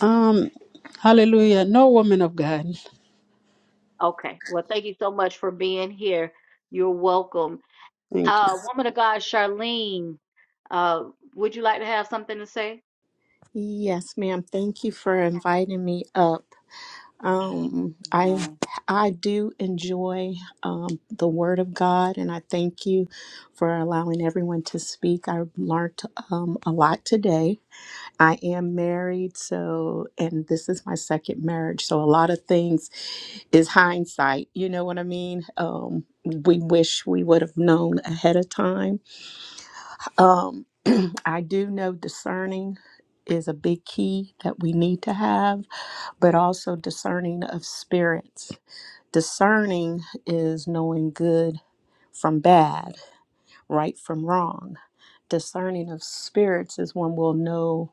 Um, hallelujah. No woman of God.
Okay. Well, thank you so much for being here. You're welcome.
Thank
Uh, woman of God, Charlene, uh, would you like to have something to say?
Yes, ma'am. Thank you for inviting me up. Um, I
No.
I do enjoy um, the Word of God, and I thank you for allowing everyone to speak. I learned um, a lot today. I am married, so and this is my second marriage, so a lot of things is hindsight. You know what I mean? Um, we wish we would have known ahead of time um, [CLEARS THROAT] I do know discerning is a big key that we need to have, but also discerning of spirits. Discerning is knowing good from bad, right from wrong. Discerning of spirits is when we'll know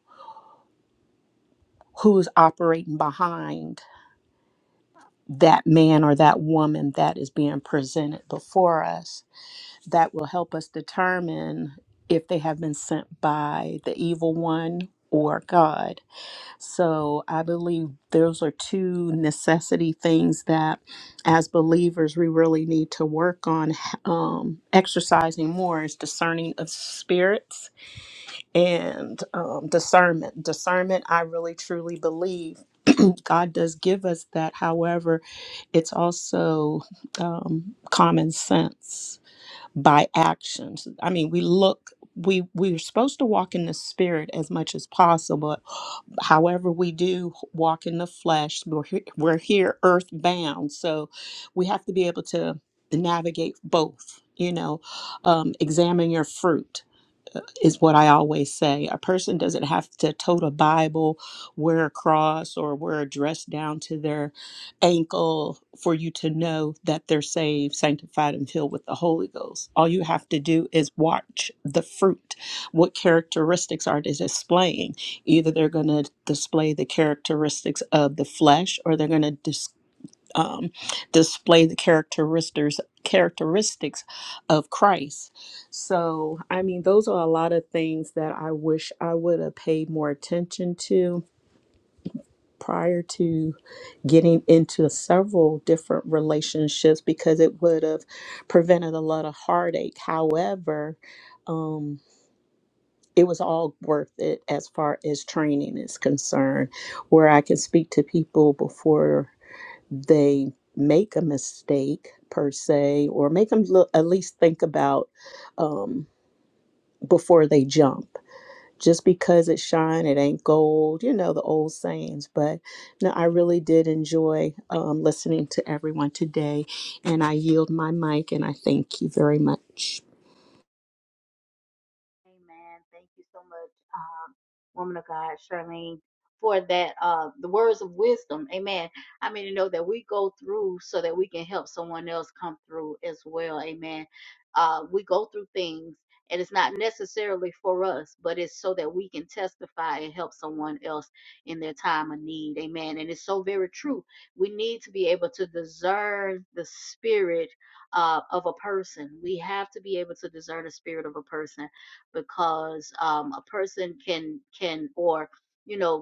who's operating behind that man or that woman that is being presented before us. That will help us determine if they have been sent by the evil one or God. So I believe those are two necessity things that, as believers, we really need to work on um, exercising more is discerning of spirits and um, discernment. Discernment, I really truly believe. [CLEARS THROAT] God does give us that. However, it's also um, common sense by actions. I mean, we look we we're supposed to walk in the spirit as much as possible. However, we do walk in the flesh. We're here, we're here earthbound, so we have to be able to navigate both. You know, um, examine your fruit is what I always say. A person doesn't have to tote a Bible, wear a cross, or wear a dress down to their ankle for you to know that they're saved, sanctified, and filled with the Holy Ghost. All you have to do is watch the fruit. What characteristics are they displaying? Either they're going to display the characteristics of the flesh or they're going to um, display the characteristics characteristics of Christ. So, I mean, those are a lot of things that I wish I would have paid more attention to prior to getting into several different relationships because it would have prevented a lot of heartache. However, um, it was all worth it as far as training is concerned, where I can speak to people before they make a mistake per se, or make them look, at least think about um, before they jump. Just because it's shine, it ain't gold. You know the old sayings. But no, I really did enjoy um, listening to everyone today, and I yield my mic, and I thank you very much.
Amen. Thank you so much, um, woman of God, Charlene, for that, uh, the words of wisdom. Amen. I mean, to know that we go through so that we can help someone else come through as well. Amen. Uh, we go through things and it's not necessarily for us, but it's so that we can testify and help someone else in their time of need. Amen. And it's so very true. We need to be able to discern the spirit uh, of a person. We have to be able to discern the spirit of a person because um, a person can can or you know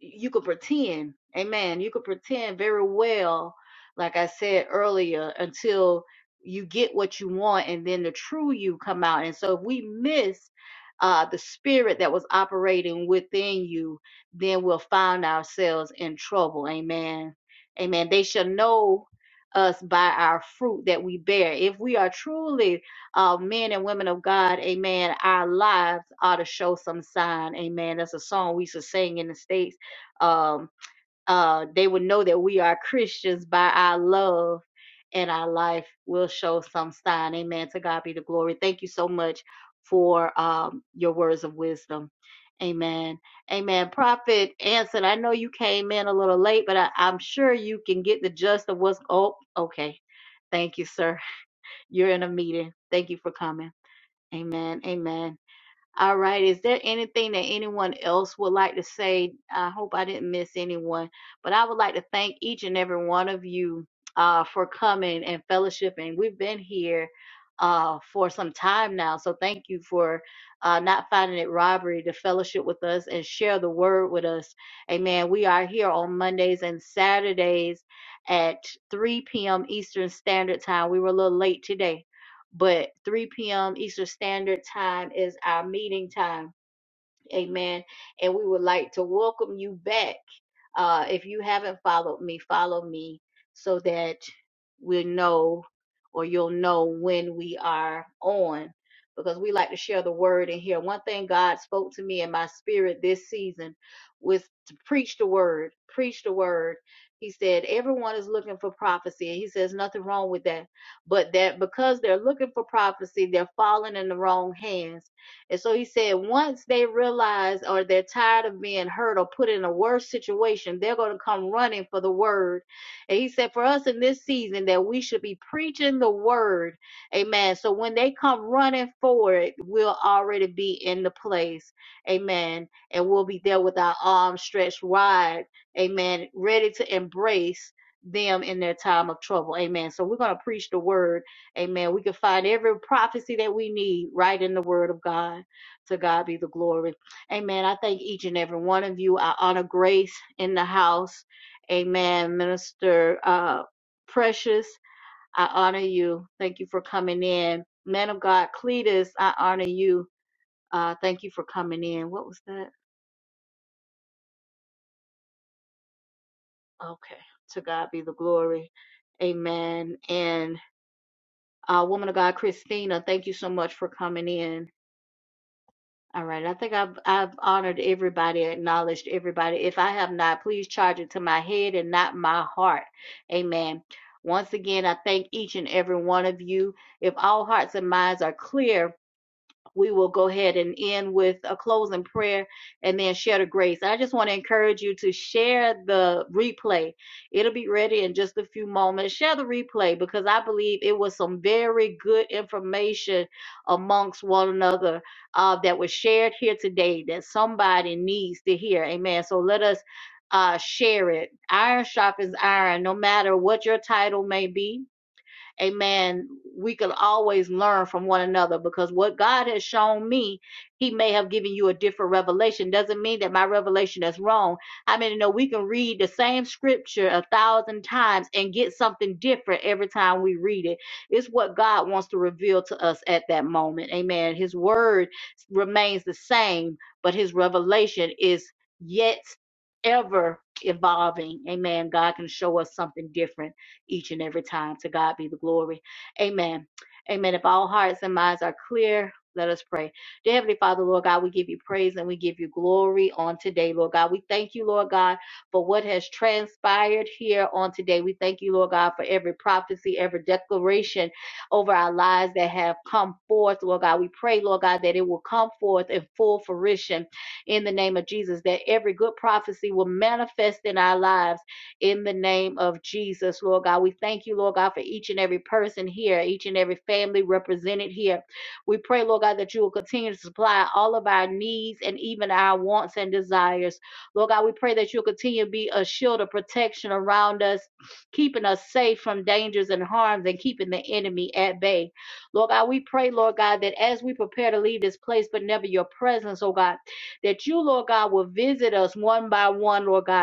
you could pretend, amen. You could pretend very well, like I said earlier, until you get what you want and then the true you come out. And so if we miss uh, the spirit that was operating within you, then we'll find ourselves in trouble. Amen. Amen. They shall know us by our fruit that we bear. If we are truly uh, men and women of God, amen, our lives ought to show some sign. Amen. That's a song we used to sing in the States um, uh, they would know that we are Christians by our love and our life will show some sign. Amen. To God be the glory. Thank you so much for um, your words of wisdom. Amen. Amen. Prophet Anson, I know you came in a little late, but I, I'm sure you can get the gist of what's. Oh, okay. Thank you, sir. [LAUGHS] You're in a meeting. Thank you for coming. Amen. Amen. All right. Is there anything that anyone else would like to say? I hope I didn't miss anyone, but I would like to thank each and every one of you uh, for coming and fellowshipping. We've been here uh, for some time now, so thank you for uh, not finding it robbery to fellowship with us and share the word with us. Amen. We are here on Mondays and Saturdays at 3 p.m. Eastern Standard Time. We were a little late today but 3 p.m. Eastern Standard Time is our meeting time. Amen. And we would like to welcome you back. Uh, if you haven't followed me, follow me so that we'll know or you'll know when we are on because we like to share the word in here. One thing God spoke to me in my spirit this season was to preach the word, preach the word. He said, everyone is looking for prophecy. And he says, nothing wrong with that. But that because they're looking for prophecy, they're falling in the wrong hands and so he said, once they realize or they're tired of being hurt or put in a worse situation, they're going to come running for the word. And he said, for us in this season, that we should be preaching the word. Amen. So when they come running for it, we'll already be in the place. Amen. And we'll be there with our arms stretched wide. Amen. Ready to embrace them in their time of trouble. Amen. So we're going to preach the word Amen. We can find every prophecy that we need right in the Word of God. To God be the glory. Amen. I thank each and every one of you. I honor Grace in the house. Amen. Minister uh, Precious, I honor you. Thank you for coming in. Man of God, Cletus, I honor you. Uh, thank you for coming in. What was that? Okay. To God be the glory. Amen. And uh, woman of God, Christina, thank you so much for coming in. All right, I think I've I've honored everybody, acknowledged everybody. If I have not, please charge it to my head and not my heart. Amen. Once again, I thank each and every one of you. If all hearts and minds are clear, we will go ahead and end with a closing prayer and then share the grace. I just want to encourage you to share the replay. It'll be ready in just a few moments. Share the replay because I believe it was some very good information amongst one another uh, that was shared here today that somebody needs to hear. Amen. So let us uh, share it. Iron sharpens iron, no matter what your title may be amen we can always learn from one another because what god has shown me he may have given you a different revelation doesn't mean that my revelation is wrong i mean you know we can read the same scripture a thousand times and get something different every time we read it it's what god wants to reveal to us at that moment amen his word remains the same but his revelation is yet ever evolving amen god can show us something different each and every time. To God be the glory. Amen. Amen. If all hearts and minds are clear, let us pray. Dear Heavenly Father, Lord God, we give you praise and we give you glory on today, Lord God. We thank you, Lord God, for what has transpired here on today. We thank you, Lord God, for every prophecy, every declaration over our lives that have come forth, Lord God. We pray, Lord God, that it will come forth in full fruition in the name of Jesus, that every good prophecy will manifest in our lives in the name of Jesus, Lord God. We thank you, Lord God, for each and every person here, each and every family represented here. We pray, Lord God, that you will continue to supply all of our needs and even our wants and desires. Lord God, we pray that you'll continue to be a shield of protection around us, keeping us safe from dangers and harms and keeping the enemy at bay. Lord God, we pray, Lord God, that as we prepare to leave this place, but never your presence, oh God, that you, Lord God, will visit us one by one, Lord God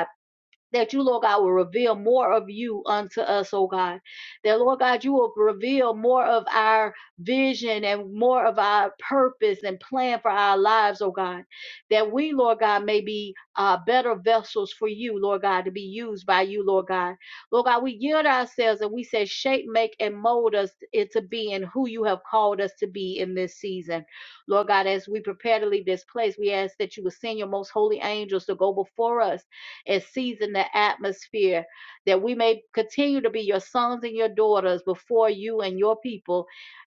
that you, Lord God, will reveal more of you unto us, oh God. That, Lord God, you will reveal more of our vision and more of our purpose and plan for our lives, oh God. That we, Lord God, may be uh, better vessels for you, Lord God, to be used by you, Lord God. Lord God, we yield ourselves and we say, shape, make, and mold us into being who you have called us to be in this season. Lord God, as we prepare to leave this place, we ask that you would send your most holy angels to go before us and season the atmosphere that we may continue to be your sons and your daughters before you and your people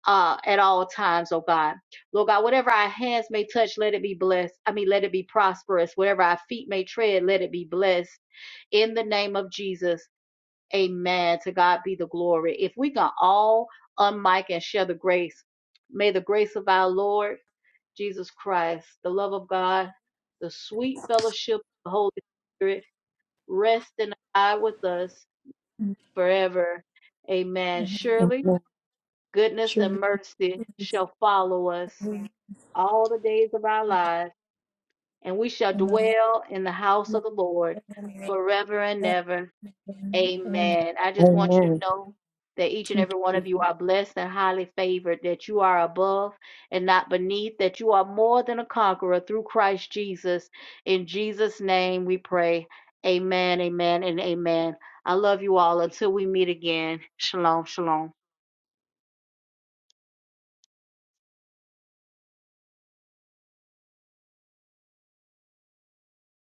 uh, at all times, oh God. Lord God, whatever our hands may touch, let it be blessed. I mean, let it be prosperous. Whatever our feet may tread, let it be blessed. In the name of Jesus, amen. To God be the glory. If we can all unmic and share the grace, may the grace of our Lord Jesus Christ, the love of God, the sweet fellowship of the Holy Spirit, rest and abide with us forever. Amen. Surely
Amen.
goodness
Sure.
and mercy shall follow us all the days of our lives, and we shall dwell in the house of the Lord forever and ever.
Amen.
Amen. I just want you to know that each and every one of you are blessed and highly favored, that you are above and not beneath, that you are more than a conqueror through Christ Jesus. In Jesus' name we pray. Amen, amen, and amen. I love you all. Until we meet again, shalom, shalom.